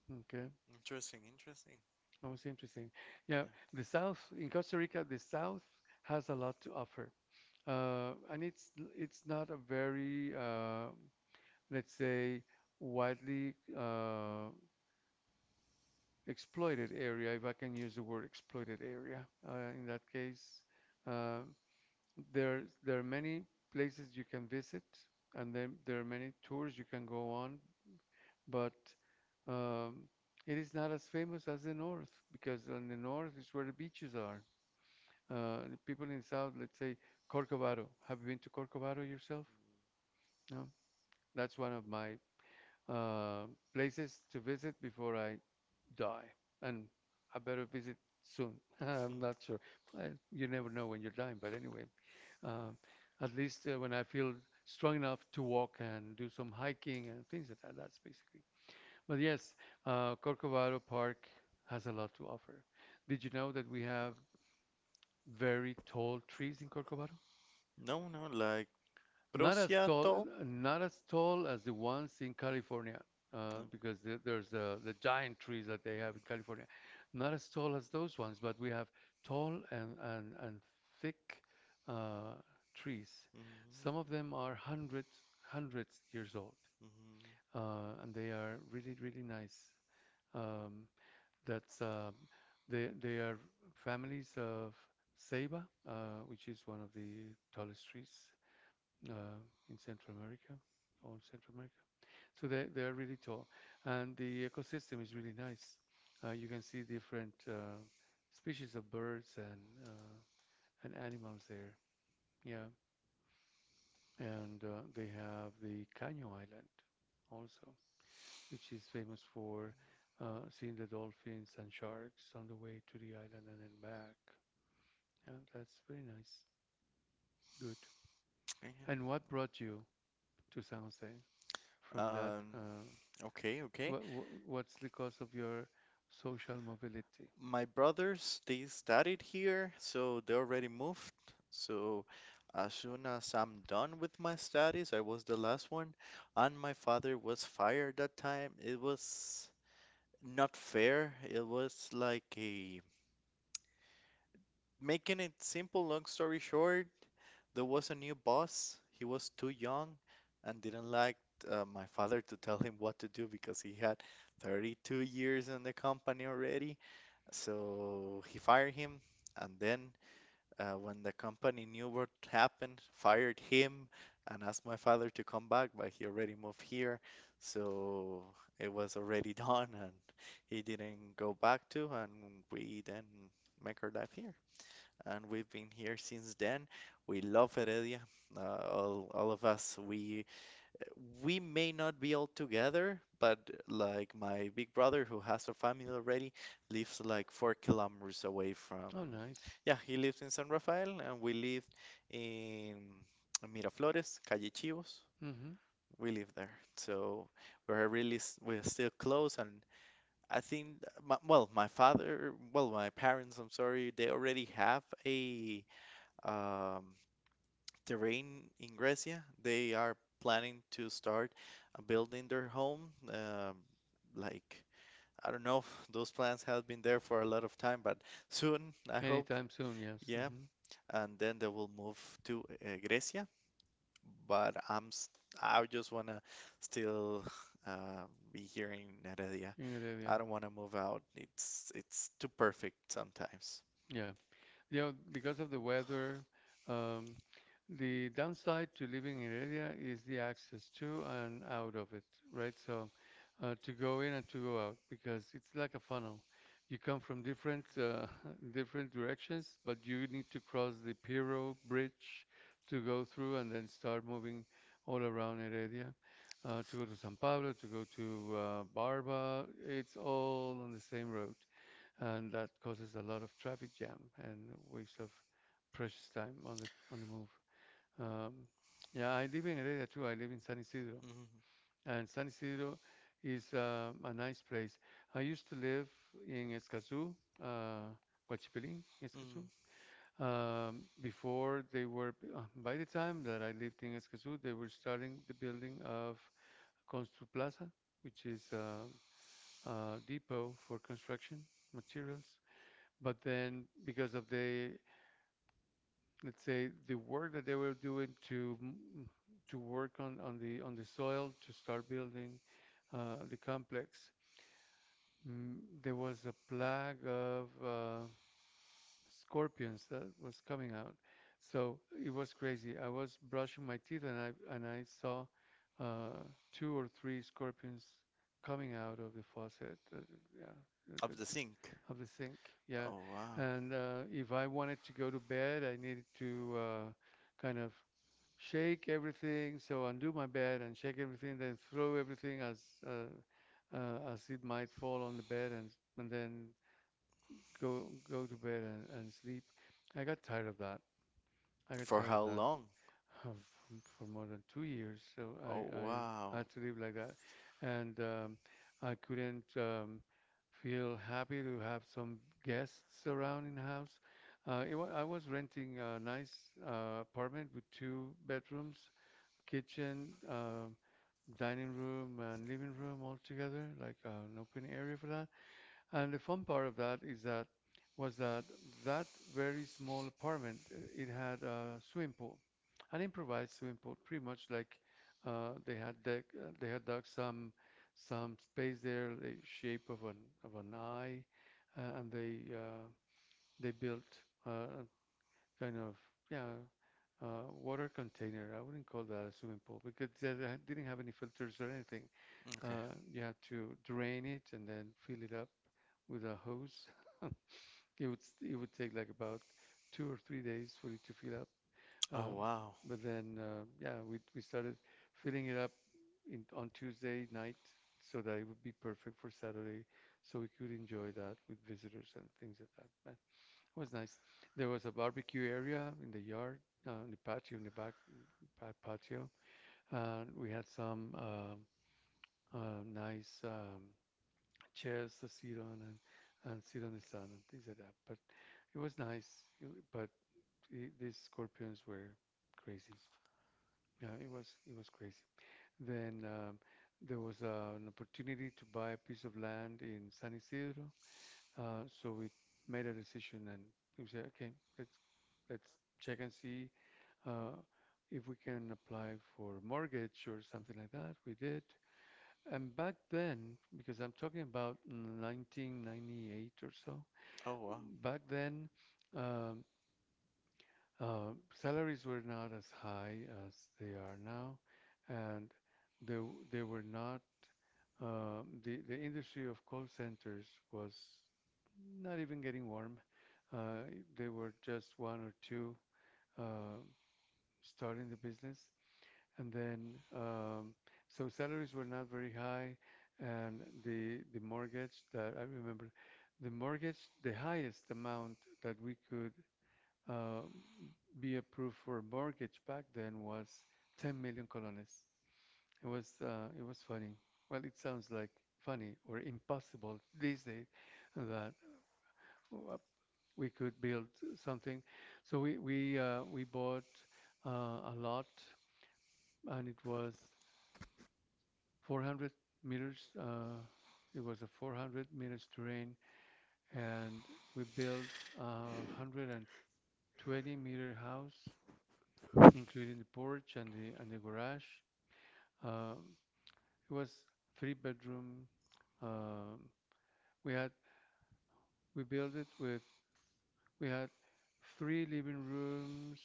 S1: Okay.
S2: Interesting, interesting.
S1: That was interesting. Yeah,
S2: Yeah.
S1: the South in Costa Rica, the South has a lot to offer, uh, and it's it's not a very uh, let's say widely uh, exploited area, if I can use the word exploited area. Uh, in that case, uh, there there are many places you can visit, and then there are many tours you can go on, but um, it is not as famous as the north because on the north is where the beaches are. Uh, People in South, let's say Corcovado. Have you been to Corcovado yourself? No? That's one of my uh, places to visit before I die. And I better visit soon. I'm
S2: Hmm.
S1: not sure. Well, you never know when you're dying, but anyway, uh, at least uh, when I feel strong enough to walk and do some hiking and things like that, that's basically. But yes, uh, Corcovado Park has a lot to offer. Did you know that we have very tall trees in Corcovado?
S2: No, no, like
S1: Not as tall,
S2: Prociato.
S1: n- not as
S2: Okay.
S1: tall as the ones in California, uh, because the, there's the, the giant trees that they have in California. Not as tall as those ones, but we have tall and and, and thick uh, trees. Some of them are hundreds hundreds years old,
S2: Mhm, mhm.
S1: uh, and they are really really nice. Um, that's uh, they they are families of ceiba, uh, which is one of the tallest trees uh, in Central America, all Central America. So they, they are really tall, and the ecosystem is really nice. Uh, you can see different uh, species of birds and uh, and animals there. Yeah, and uh, they have the Caño Island also, which is famous for uh, seeing the dolphins and sharks on the way to the island and then back. Yeah, that's very nice. Good. And what
S2: Yeah.
S1: brought you to San Jose?
S2: Yeah.
S1: From that?
S2: Um,
S1: Uh,
S2: okay, okay.
S1: what, what's the cost of your social mobility?
S2: My brothers, they studied here, so they already moved. So as soon as I'm done with my studies, I was the last one, and my father was fired that time. It was not fair. It was like a making it simple, long story short, there was a new boss. He was too young and didn't like uh, my father to tell him what to do because he had thirty-two years in the company already. So he fired him, and then uh, when the company knew what happened, fired him and asked my father to come back, but he already moved here, so it was already done, and he didn't go back to, and we then make our life here. And we've been here since then. We love Heredia. Uh, all, all of us, we we may not be all together, but like my big brother who has a family already lives like four kilometers away from,
S1: Oh, nice.
S2: yeah, he lives in San Rafael and we live in Miraflores, Calle Chivos.
S1: Hmm.
S2: We live there. So we're really, s- we're still close. And I think, my, well, my father, well, my parents, I'm sorry, they already have a um, terrain in Grecia. They are planning to start uh, building their home. Um, like, I don't know, those plans have been there for a lot of time, but soon, I hope.
S1: Anytime soon, yes.
S2: Yeah,
S1: Hmm.
S2: and then they will move to uh, Grecia. But I'm s- I just wanna still uh, be here in Heredia.
S1: In
S2: I
S1: Heredia.
S2: don't wanna move out. It's it's too perfect sometimes.
S1: Yeah. You know, because of the weather, um, the downside to living in area is the access to and out of it, right? So uh, to go in and to go out because it's like a funnel. You come from different uh, different directions, but you need to cross the Pirro Bridge to go through and then start moving all around Heredia uh, to go to San Pablo, to go to uh, Barba. It's all on the same road and that causes a lot of traffic jam and waste of precious time on the on the move. Um, yeah, I live in Heredia too. I live in San Isidro,
S2: Hmm.
S1: and San Isidro is uh, a nice place. I used to live in Escazú, uh, Guachipilín,
S2: Mm,
S1: Escazú. Um, before they were, uh, by the time that I lived in Escazú, they were starting the building of Construplaza, which is uh, a depot for construction materials, but then because of the, let's say, the work that they were doing to m- to work on on the on the soil to start building uh, the complex, mm, there was a plague of uh, scorpions that was coming out. So it was crazy. I was brushing my teeth and I and I saw uh, two or three scorpions coming out of the faucet. Uh, yeah. uh, uh,
S2: of the sink.
S1: Of the sink, yeah.
S2: Oh wow.
S1: And uh, if I wanted to go to bed, I needed to uh, kind of shake everything. So undo my bed and shake everything, then throw everything as uh, uh, as it might fall on the bed, and and then go go to bed and, and sleep. I got tired of that. I got
S2: For
S1: tired of
S2: how
S1: that
S2: long?
S1: um, for, for more than two years. So
S2: Oh,
S1: I, I
S2: wow.
S1: had to live like that, and um, I couldn't um, feel happy to have some guests around in the house. Uh, it wa I was renting a nice uh, apartment with two bedrooms, kitchen, uh, dining room, and living room all together, like uh, an open area for that. And the fun part of that is that was that that very small apartment, uh, it had a swimming pool, an improvised swimming pool, pretty much like uh, they had dug, uh, they had dug some some space there, the shape of an of an eye, uh, and they uh, they built uh, kind of yeah uh, water container. I wouldn't call that a swimming pool because it doesn't didn't have any filters or anything.
S2: Okay.
S1: Uh, you had to drain it and then fill it up with a hose. It would st- it would take like about two or three days for it to fill up.
S2: Oh,
S1: Um,
S2: wow.
S1: but then uh, yeah, we we started filling it up in on Tuesday night so that it would be perfect for Saturday, so we could enjoy that with visitors and things like that. But it was nice. There was a barbecue area in the yard, uh, in the patio in the back pat- patio, and we had some uh, uh, nice um, chairs to sit on and and sit on the sun and things like that. But it was nice. uh, But I these scorpions were crazy. Yeah, it was it was crazy. Then um, there was uh, an opportunity to buy a piece of land in San Isidro. Uh, so we made a decision and we said, okay, let's let's check and see, uh, if we can apply for mortgage or something like that. We did. And back then, because I'm talking about nineteen ninety-eight or so,
S2: Oh, wow.
S1: back then, um, uh, salaries were not as high as they are now, and they w- they were not. Um, the the industry of call centers was not even getting warm. Uh, there were just one or two uh, starting the business, and then, um, so salaries were not very high, and the the mortgage that I remember, the mortgage, the highest amount that we could uh, be approved for a mortgage back then was ten million colones. It was uh, it was funny. Well, it sounds like funny or impossible these days that uh, we could build something. So we we uh, we bought uh, a lot, and it was four hundred meters. Uh, it was a four hundred meters terrain, and we built a one hundred twenty meter house, including the porch and the and the garage. Um, it was three bedroom. Um, we had we built it with we had three living rooms,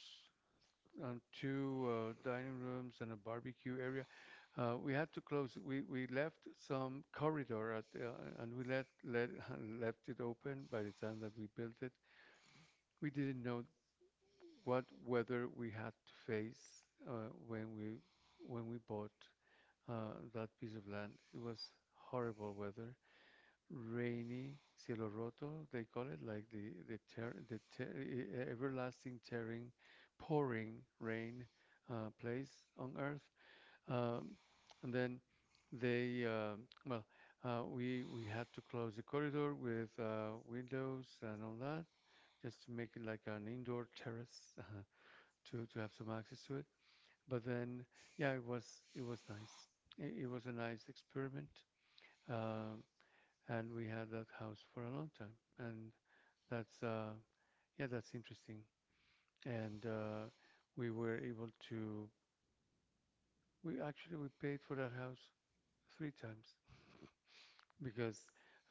S1: um, two uh, dining rooms and a barbecue area. Uh, we had to close it. We we left some corridor at uh, and we let let left it open. By the time that we built it, we didn't know what weather we had to face uh, when we when we bought uh, that piece of land. It was horrible weather, rainy, cielo roto they call it, like the the tear the tear, e- e- e, everlasting tearing pouring rain uh, place on earth, um, and then they uh, well uh, we we had to close the corridor with uh, windows and all that, just to make it like an indoor terrace uh, to to have some access to it. But then yeah, it was, it was nice. it, it was a nice experiment, um, and we had that house for a long time. And that's uh, yeah, that's interesting. And uh, we were able to we actually we paid for that house three times because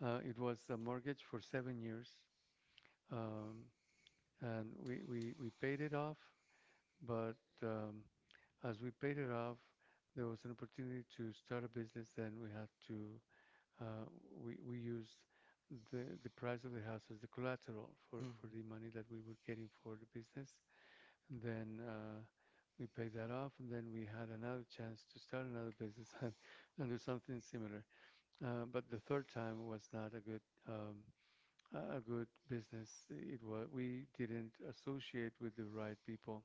S1: uh, it was a mortgage for seven years, um, and we, we we paid it off. But um, as we paid it off, there was an opportunity to start a business. Then we had to. Uh, we we used the the price of the house as the collateral for
S2: Hmm.
S1: for the money that we were getting for the business. And then uh, we paid that off, and then we had another chance to start another business and do something similar. Uh, but the third time was not a good, um, a a good business. It was, we didn't associate with the right people,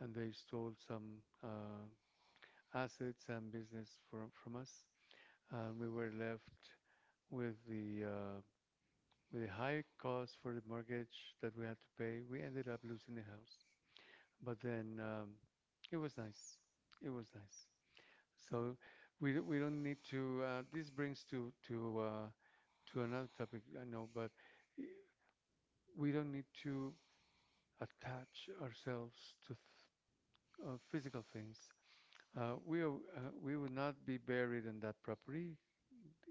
S1: and they stole some uh, assets and business from from us, and we were left with the uh, with a higher cost for the mortgage that we had to pay. We ended up losing the house. But then um, it was nice. It was nice. So we we don't need to. Uh, this brings to to uh, to another topic I know, but we don't need to attach ourselves to th uh, physical things. Uh, we are, uh, we would not be buried in that property.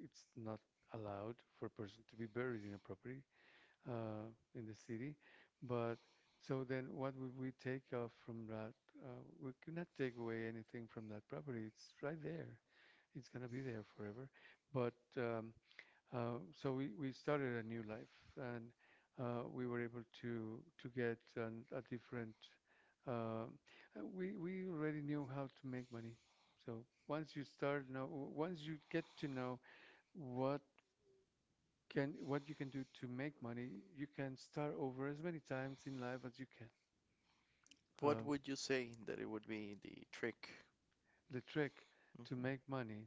S1: It's not allowed for a person to be buried in a property, uh, in the city. But so then what would we take off from that? Uh, we cannot take away anything from that property. It's right there. It's gonna be there forever. But um, uh, so we, we started a new life, and uh, we were able to to get an, a different uh, uh, we we already knew how to make money. So once you start know, once you get to know what can what you can do to make money, you can start over as many times in life as you can.
S2: What
S1: Um,
S2: would you say that it would be the trick?
S1: the trick to
S2: Hmm.
S1: make money?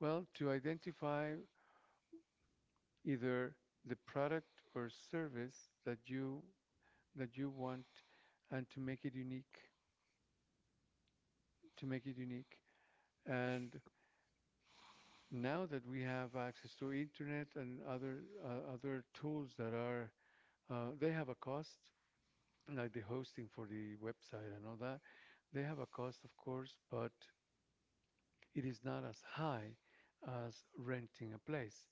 S1: Well, to identify either the product or service that you, that you want, and to make it unique, to make it unique. And now that we have access to internet and other uh, other tools that are, uh, they have a cost, like the hosting for the website and all that, they have a cost, of course, but it is not as high as renting a place.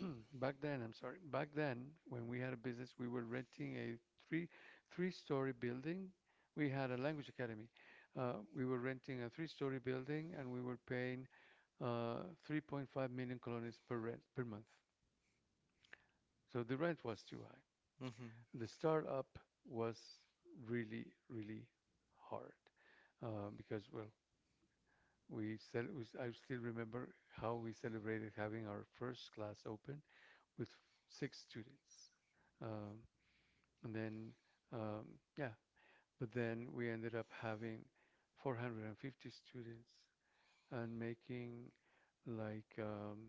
S1: Back then, I'm sorry, back then when we had a business, we were renting a three three-story building. We had a language academy. Uh, we were renting a three-story building and we were paying uh, three point five million colones per rent per month. So the rent was too high.
S2: Hmm.
S1: The startup was really, really hard, uh, because, well, we cel- we s- I still remember how we celebrated having our first class open with six students. Um, and then, um, yeah, but then we ended up having four hundred fifty students and making like, um,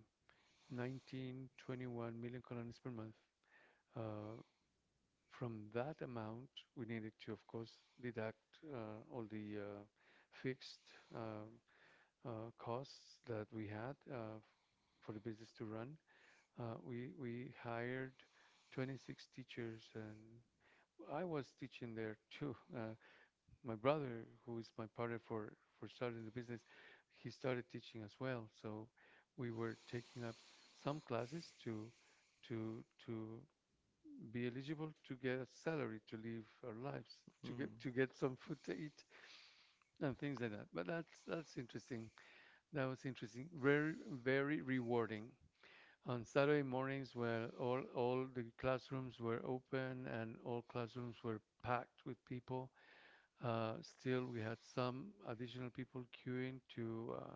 S1: nineteen, twenty-one million colones per month. Uh, From that amount, we needed to, of course, deduct uh, all the uh, fixed uh, uh, costs that we had uh, for the business to run. Uh, we we hired twenty-six teachers, and I was teaching there too. Uh, my brother, who is my partner for for starting the business, he started teaching as well. So we were taking up some classes to to to be eligible to get a salary to live our lives,
S2: Hmm.
S1: to
S2: Hmm. Hmm.
S1: get to get some food to eat and things like that. But that's that's interesting. That was interesting. Very very rewarding. On Saturday mornings, where all all the classrooms were open and all classrooms were packed with people, uh, still we had some additional people queuing to uh,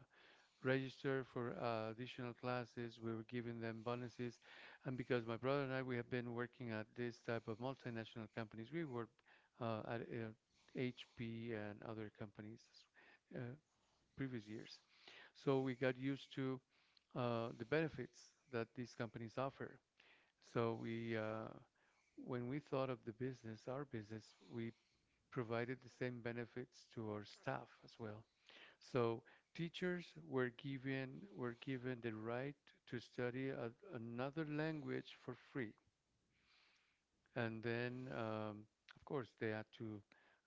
S1: register for uh, additional classes. We were giving them bonuses. And because my brother and I, we have been working at this type of multinational companies, we work uh, at uh, H P and other companies uh, previous years. So we got used to uh, the benefits that these companies offer. So we, uh, when we thought of the business, our business, we provided the same benefits to our staff as well. So teachers were given were given the right to study a, another language for free, and then um, of course they had to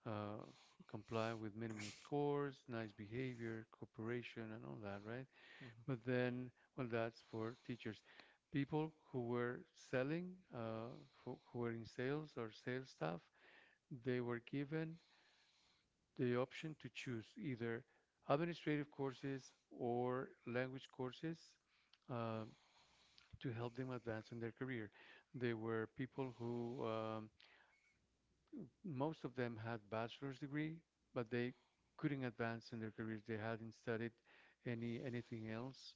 S1: uh, comply with minimum scores, nice behavior, cooperation, and all that, right? But then, well, that's for teachers. People who were selling, uh, who, who were in sales or sales staff, they were given the option to choose either administrative courses or language courses, uh, to help them advance in their career. They were people who, um, most of them had bachelor's degree, but they couldn't advance in their careers. They hadn't studied any anything else,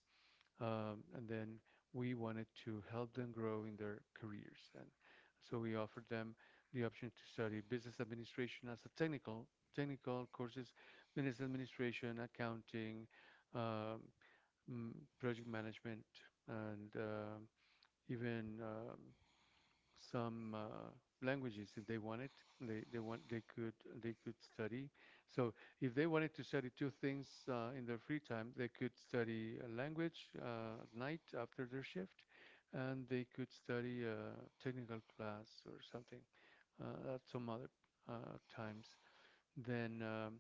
S1: um, and then we wanted to help them grow in their careers. And so we offered them the option to study business administration as a technical technical courses, business administration, accounting, um, mm, project management, and um even um, some uh, languages if they wanted. They they want they could they could study. So if they wanted to study two things uh, in their free time, they could study a language uh, at night after their shift, and they could study a technical class or something uh, at some other uh, times. Then um,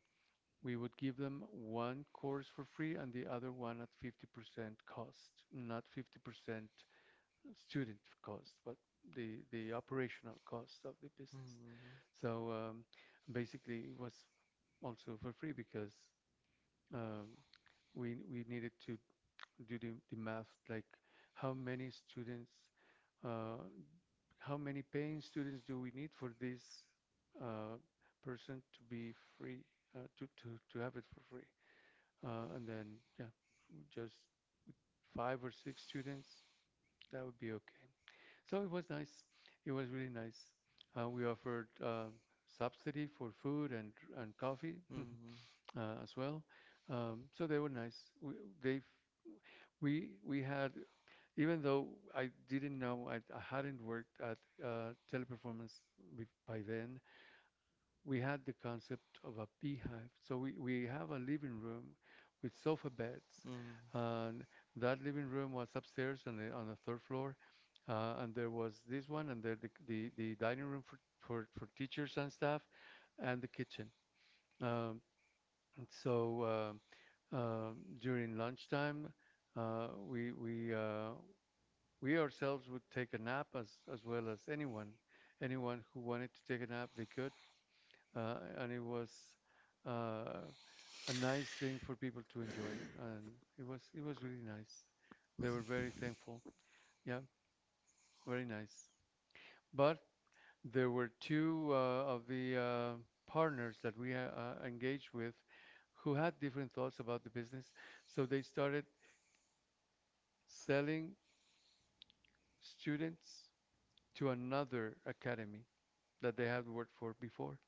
S1: we would give them one course for free and the other one at fifty percent cost, not fifty percent student cost, but the the operational cost of the business. So um, basically, it was also for free because um, we we needed to do the, the math like how many students, uh, how many paying students do we need for this uh, person to be free, uh, to to to have it for free, uh, and then yeah, just five or six students. That would be okay. So it was nice. It was really nice. Uh, we offered uh, subsidy for food and and coffee uh, as well. Um, so they were nice. We, they we we had, even though I didn't know, I, I hadn't worked at uh, Teleperformance bef- by then, we had the concept of a beehive. So we, we have a living room with sofa beds.
S2: Mm,
S1: And that living room was upstairs on the on the third floor. Uh, and there was this one and there the, the, the dining room for, for, for teachers and staff and the kitchen. Um, so um uh, During lunchtime, uh, we we uh, we ourselves would take a nap as as well as anyone anyone who wanted to take a nap they could, uh, and it was, uh, a nice thing for people to enjoy, and it was it was really nice. They were very thankful. Yeah, very nice. But there were two uh, of the uh, partners that we uh, uh, engaged with who had different thoughts about the business, so they started selling students to another academy that they had worked for before,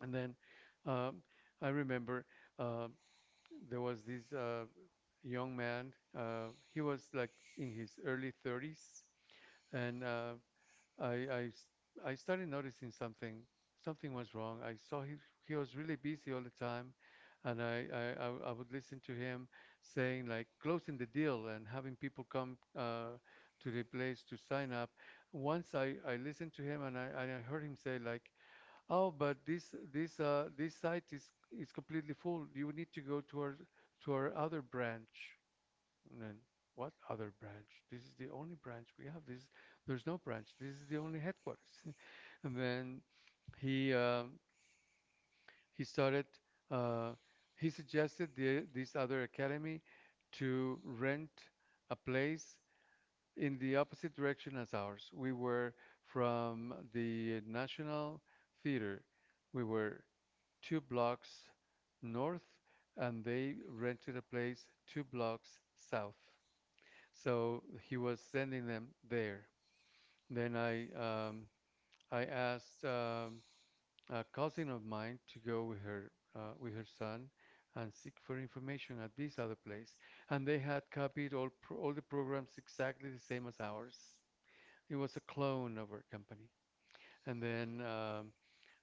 S1: and then. Um, I remember, uh, there was this uh, young man. Uh, he was like in his early thirties, and uh, I, I s- I started noticing something. Something was wrong. I saw he he was really busy all the time, and I I, I w- I would listen to him saying like closing the deal and having people come, uh, to the place to sign up. Once I I listened to him and I and I heard him say like, oh, but this this uh this site is is completely full. You need to go to our to our other branch. And then what other branch? This is the only branch we have. This there's no branch. This is the only headquarters. And then he um, he started, uh, he suggested the this other academy to rent a place in the opposite direction as ours. We were from the National Theater. We were two blocks north, and they rented a place two blocks south. So he was sending them there. Then I um, I asked, um, a cousin of mine to go with her uh, with her son and seek for information at this other place, and they had copied all pro all the programs exactly the same as ours. It was a clone of our company. And then um,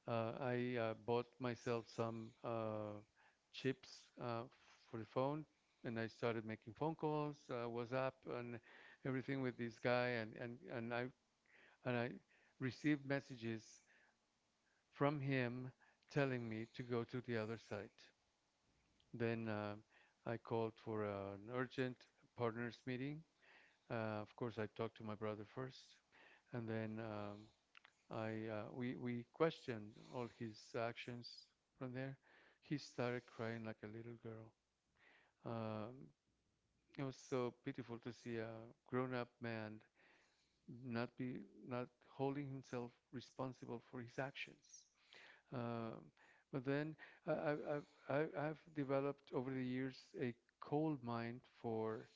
S1: Uh, I, uh, bought myself some, uh, chips, uh, for the phone, and I started making phone calls, uh, WhatsApp, and everything with this guy, and, and, and I and I received messages from him telling me to go to the other site. Then, uh, I called for an urgent partners meeting. Uh, of course, I talked to my brother first, and then um, I uh, we we questioned all his actions from there. He started crying like a little girl. Um, it was so pitiful to see a grown-up man not be not holding himself responsible for his actions. Um, but then I, I, I, I- I've developed over the years a cold mind for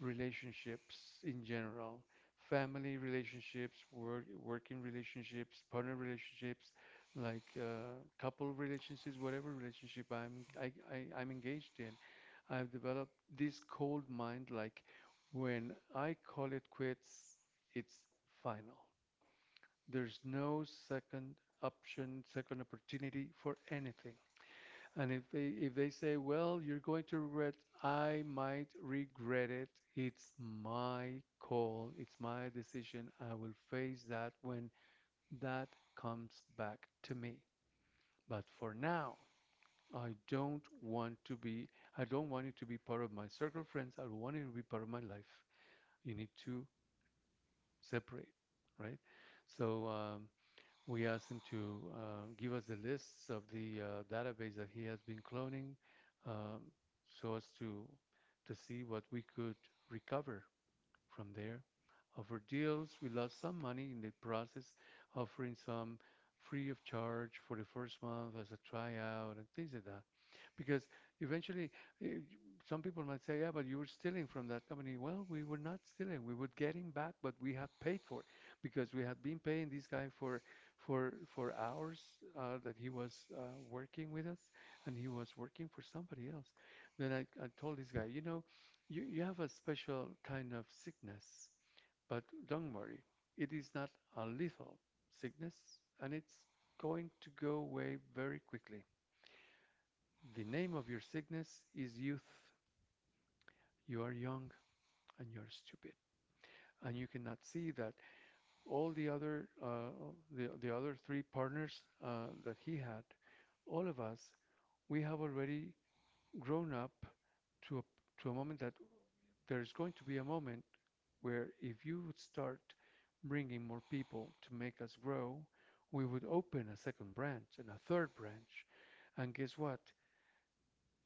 S1: relationships in general, family relationships, work, working relationships, partner relationships, like uh, couple relationships, whatever relationship I'm I, I, I'm engaged in. I've developed this cold mind like when I call it quits, it's final. There's no second option, second opportunity for anything. And if they if they say, "Well, you're going to regret," I might regret it. It's my call. It's my decision. I will face that when that comes back to me. But for now, I don't want to be I don't want it to be part of my circle of friends. I don't want it to be part of my life. You need to separate, right? So, um, we asked him to, uh, give us the lists of the, uh, database that he has been cloning, um, so as to to see what we could recover from there. Offer deals. We lost some money in the process, offering some free of charge for the first month as a tryout and things like that. Because eventually, eh, some people might say, yeah, but you were stealing from that company. Well, we were not stealing. We would get him back, but we had paid for it because we had been paying this guy for for for hours, uh, that he was, uh, working with us, and he was working for somebody else. Then I, I told this guy, you know, you, you have a special kind of sickness, but don't worry. It is not a lethal sickness, and it's going to go away very quickly. The name of your sickness is youth. You are young, and you're stupid. And you cannot see that all the other, uh, the, the other three partners uh, that he had, all of us, we have already grown up to a, to a moment that there is going to be a moment where if you would start bringing more people to make us grow, we would open a second branch and a third branch. And guess what?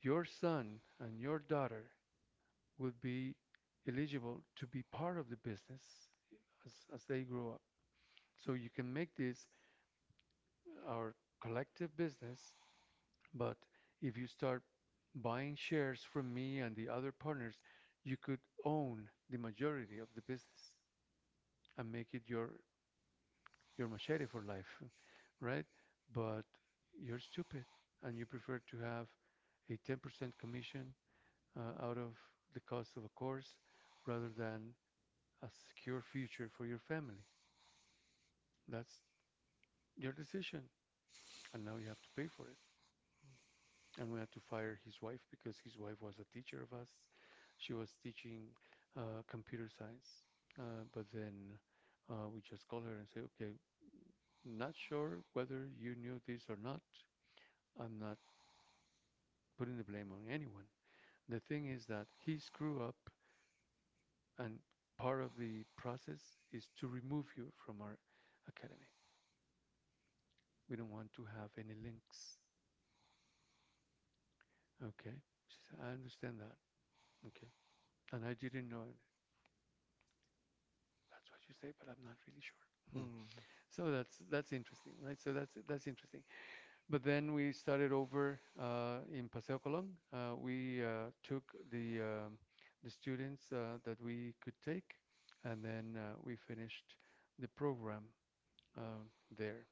S1: Your son and your daughter would be eligible to be part of the business as, as they grow up. So you can make this our collective business, but if you start buying shares from me and the other partners, you could own the majority of the business and make it your your machete for life, right? But you're stupid, and you prefer to have a ten percent commission, uh, out of the cost of a course rather than a secure future for your family. That's your decision. And now you have to pay for it. And we had to fire his wife because his wife was a teacher of us. She was teaching, uh, computer science. Uh, but then, uh, we just call her and say, okay, not sure whether you knew this or not. I'm not putting the blame on anyone. The thing is that he screwed up, and part of the process is to remove you from our academy. We don't want to have any links. Okay? She said, I understand that. Okay. And I didn't know. That's what you say, but I'm not really sure.
S2: mm,
S1: Hmm. So that's that's interesting, right? So that's that's interesting. But then we started over, uh, in Paseo Colón. Uh, we, uh, took the um, the students, uh, that we could take, and then, uh, we finished the program, uh, there.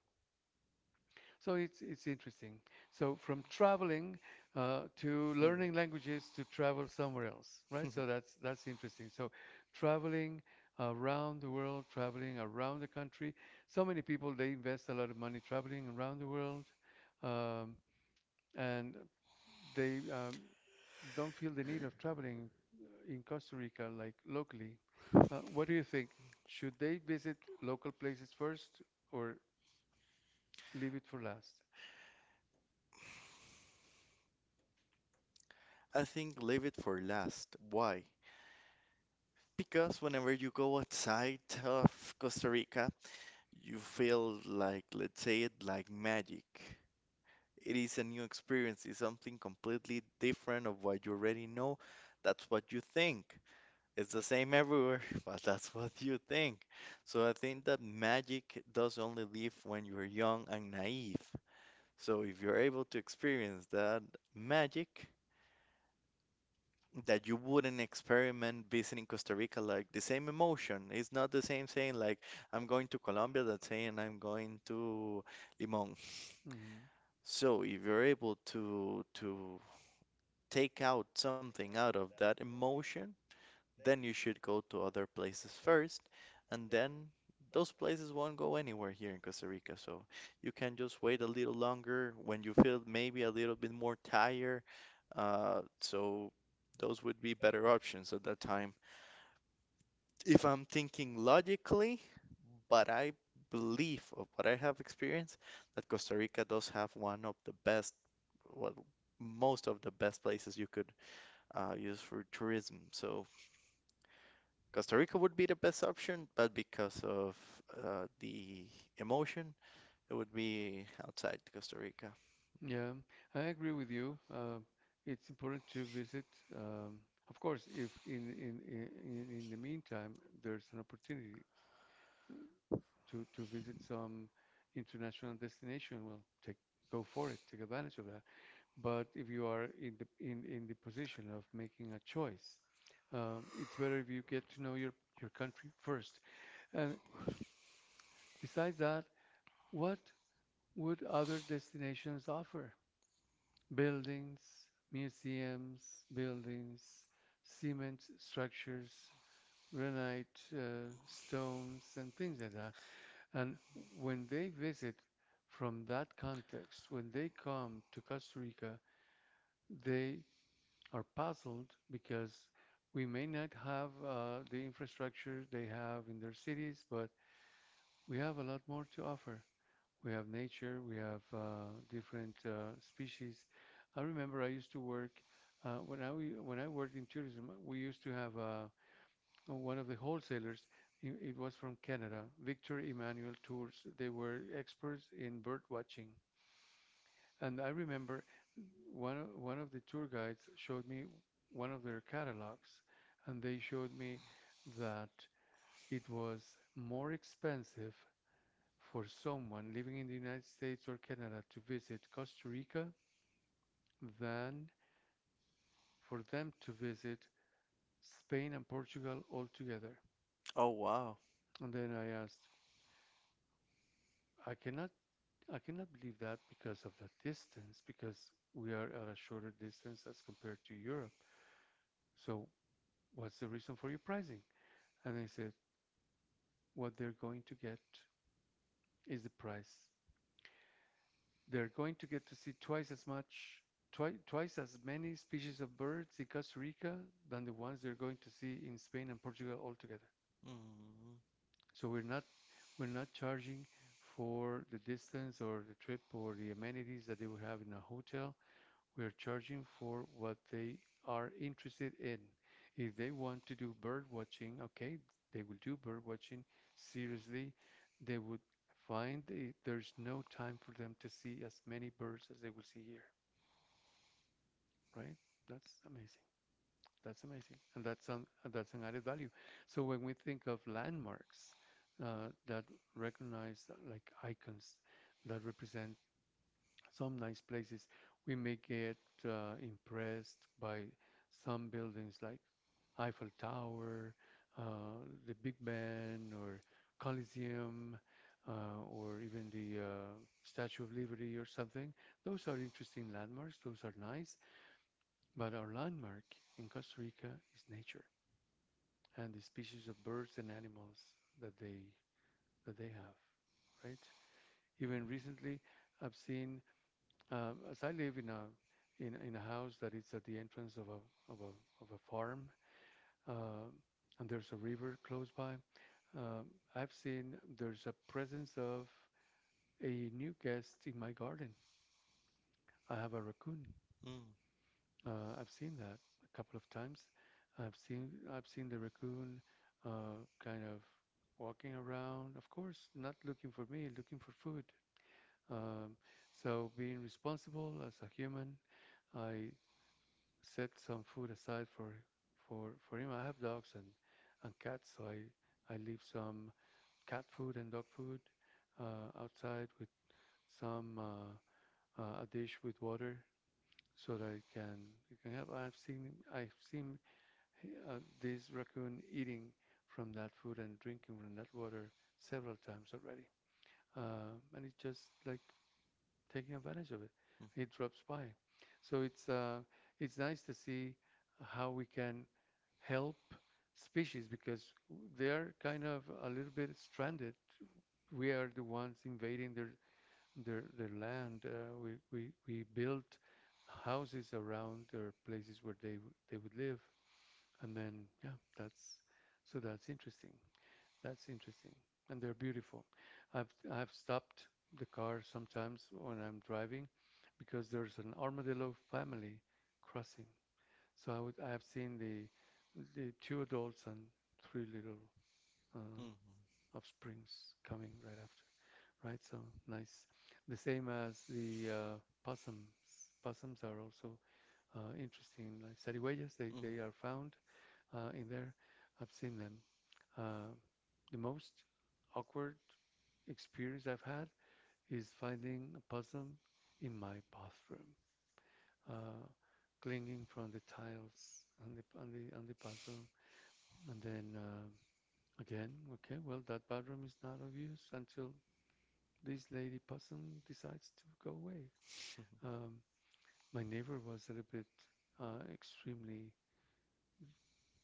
S1: So it's it's interesting. So from traveling, uh, to learning languages to travel somewhere else, right?
S2: mm.
S1: So that's that's interesting. So traveling around the world, traveling around the country. So many people they invest a lot of money traveling around the world. Um, and they um, don't feel the need of traveling, uh, in Costa Rica like locally. Uh, what do you think? Should they visit local places first or leave it for last?
S2: I think leave it for last. Why? Because whenever you go outside of Costa Rica, you feel like, let's say it, like magic. It is a new experience, it's something completely different of what you already know. That's what you think. It's the same everywhere, but that's what you think. So I think that magic does only live when you're young and naive. So if you're able to experience that magic, that you wouldn't experiment visiting Costa Rica like the same emotion. It's not the same saying like I'm going to Colombia that saying I'm going to Limón.
S1: Hmm.
S2: So if you're able to to take out something out of that emotion, then you should go to other places first, and then those places won't go anywhere here in Costa Rica. So you can just wait a little longer when you feel maybe a little bit more tired. Uh, so those would be better options at that time. If I'm thinking logically, but I believe of what I have experienced that Costa Rica does have one of the best, well, most of the best places you could uh, use for tourism. So Costa Rica would be the best option, but because of uh, the emotion, it would be outside Costa Rica.
S1: Yeah, I agree with you. Uh, it's important to visit. Um, of course, if in, in in in in the meantime there's an opportunity, uh, to to visit some international destination, well, take go for it, take advantage of that. But if you are in the in, in the position of making a choice, um, it's better if you get to know your, your country first. And besides that, what would other destinations offer? Buildings, museums, buildings, cement structures, granite, uh, stones, and things like that. And when they visit from that context, when they come to Costa Rica, they are puzzled because we may not have, uh, the infrastructure they have in their cities, but we have a lot more to offer. We have nature, we have, uh, different, uh, species. I remember I used to work, uh, when I when I worked in tourism. We used to have, uh, one of the wholesalers. It was from Canada, Victor Emmanuel Tours. They were experts in bird watching. And I remember one of, one of the tour guides showed me one of their catalogs, and they showed me that it was more expensive for someone living in the United States or Canada to visit Costa Rica than for them to visit Spain and Portugal altogether.
S2: Oh wow.
S1: And then I asked, I cannot I cannot believe that because of the distance, because we are at a shorter distance as compared to Europe. So what's the reason for your pricing? And I said, what they're going to get is the price. They're going to get to see twice as much, twi- twice as many species of birds in Costa Rica than the ones they're going to see in Spain and Portugal altogether.
S2: Mm,
S1: So we're not we're not charging for the distance or the trip or the amenities that they would have in a hotel. We're charging for what they are interested in. If they want to do bird watching, okay, they will do bird watching seriously. They would find the- there's no time for them to see as many birds as they will see here, right? That's amazing. That's amazing, and that's an that's an added value. So when we think of landmarks, uh, that recognize, uh, like icons that represent some nice places we may get, uh, impressed by some buildings like Eiffel Tower, uh, the Big Ben, or Coliseum, uh, or even the uh, Statue of Liberty or something. Those are interesting landmarks, those are nice, but our landmark in Costa Rica is nature and the species of birds and animals that they that they have, right? Even
S2: mm,
S1: recently, I've seen uh, as I live in a in, in a house that is at the entrance of a of a of a farm, uh, and there's a river close by, uh, I've seen there's a presence of a new guest in my garden. I have a raccoon.
S2: mm,
S1: Uh, I've seen that a couple of times. I've seen I've seen the raccoon uh, kind of walking around. Of course, not looking for me, looking for food. Um, so being responsible as a human, I set some food aside for for for him. I have dogs and and cats, so I I leave some cat food and dog food uh, outside with some uh, uh, a dish with water so that it can you can have. I've seen I've seen uh, this raccoon eating from that food and drinking from that water several times already. Um and it's just like taking advantage of it. It drops by. So it's uh, it's nice to see how we can help species because they are kind of a little bit stranded. We are the ones invading their their their land. Uh, we we we built houses around their places where they they would live, and then yeah, that's so that's interesting. That's interesting. And they're beautiful. I've I've stopped the car sometimes when I'm driving because there's an armadillo family crossing. So I would I have seen the the two adults and three little uh,
S2: mm,
S1: offsprings coming right after. Right, so nice. The same as the uh, possums. Possums are also uh, interesting, like zarigüeyas. They
S2: mm, mm,
S1: they are found uh, in there. I've seen them. Uh, the most awkward experience I've had is finding a possum in my bathroom, uh, clinging from the tiles on the on the on the bathroom, and then uh, again, okay, well that bathroom is not of use until this lady possum decides to go away. Um, my neighbor was a little bit uh, extremely.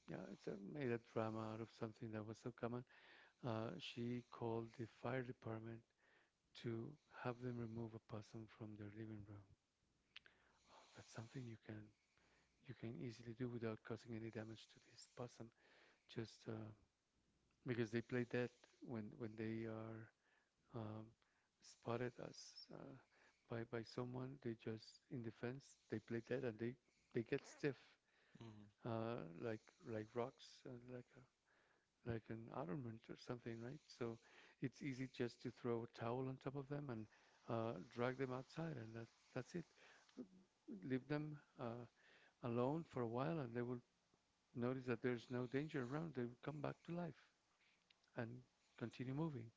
S1: Yeah, it's a, made a drama out of something that was so common. Uh, she called the fire department to have them remove a possum from their living room. That's something you can you can easily do without causing any damage to this possum. Just uh, because they play dead when when they are um, spotted as uh, by by someone, they just in defense they play dead and they they get stiff
S2: mm.
S1: uh, like like rocks and like a like an ornament or something, right? So it's easy just to throw a towel on top of them and uh, drag them outside, and that's that's it. Leave them uh, alone for a while, and they will notice that there's no danger around. They will come back to life and continue moving.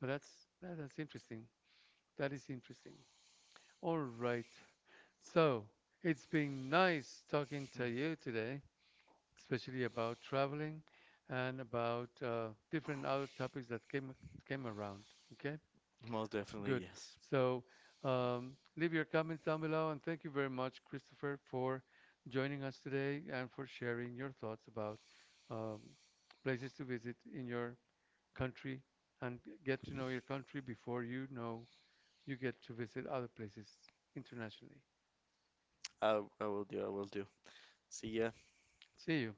S1: But that's that, that's interesting. That is interesting. All right. So it's been nice talking to
S2: Hmm.
S1: you today, especially about traveling and about uh, different other topics that came came around. Okay,
S2: Most definitely,
S1: good.
S2: yes.
S1: So um, leave your comments down below, and thank you very much, Christopher, for joining us today and for sharing your thoughts about um, places to visit in your country and g- get to know your country before you know you get to visit other places internationally.
S2: I I will do. I will do. See ya.
S1: See you.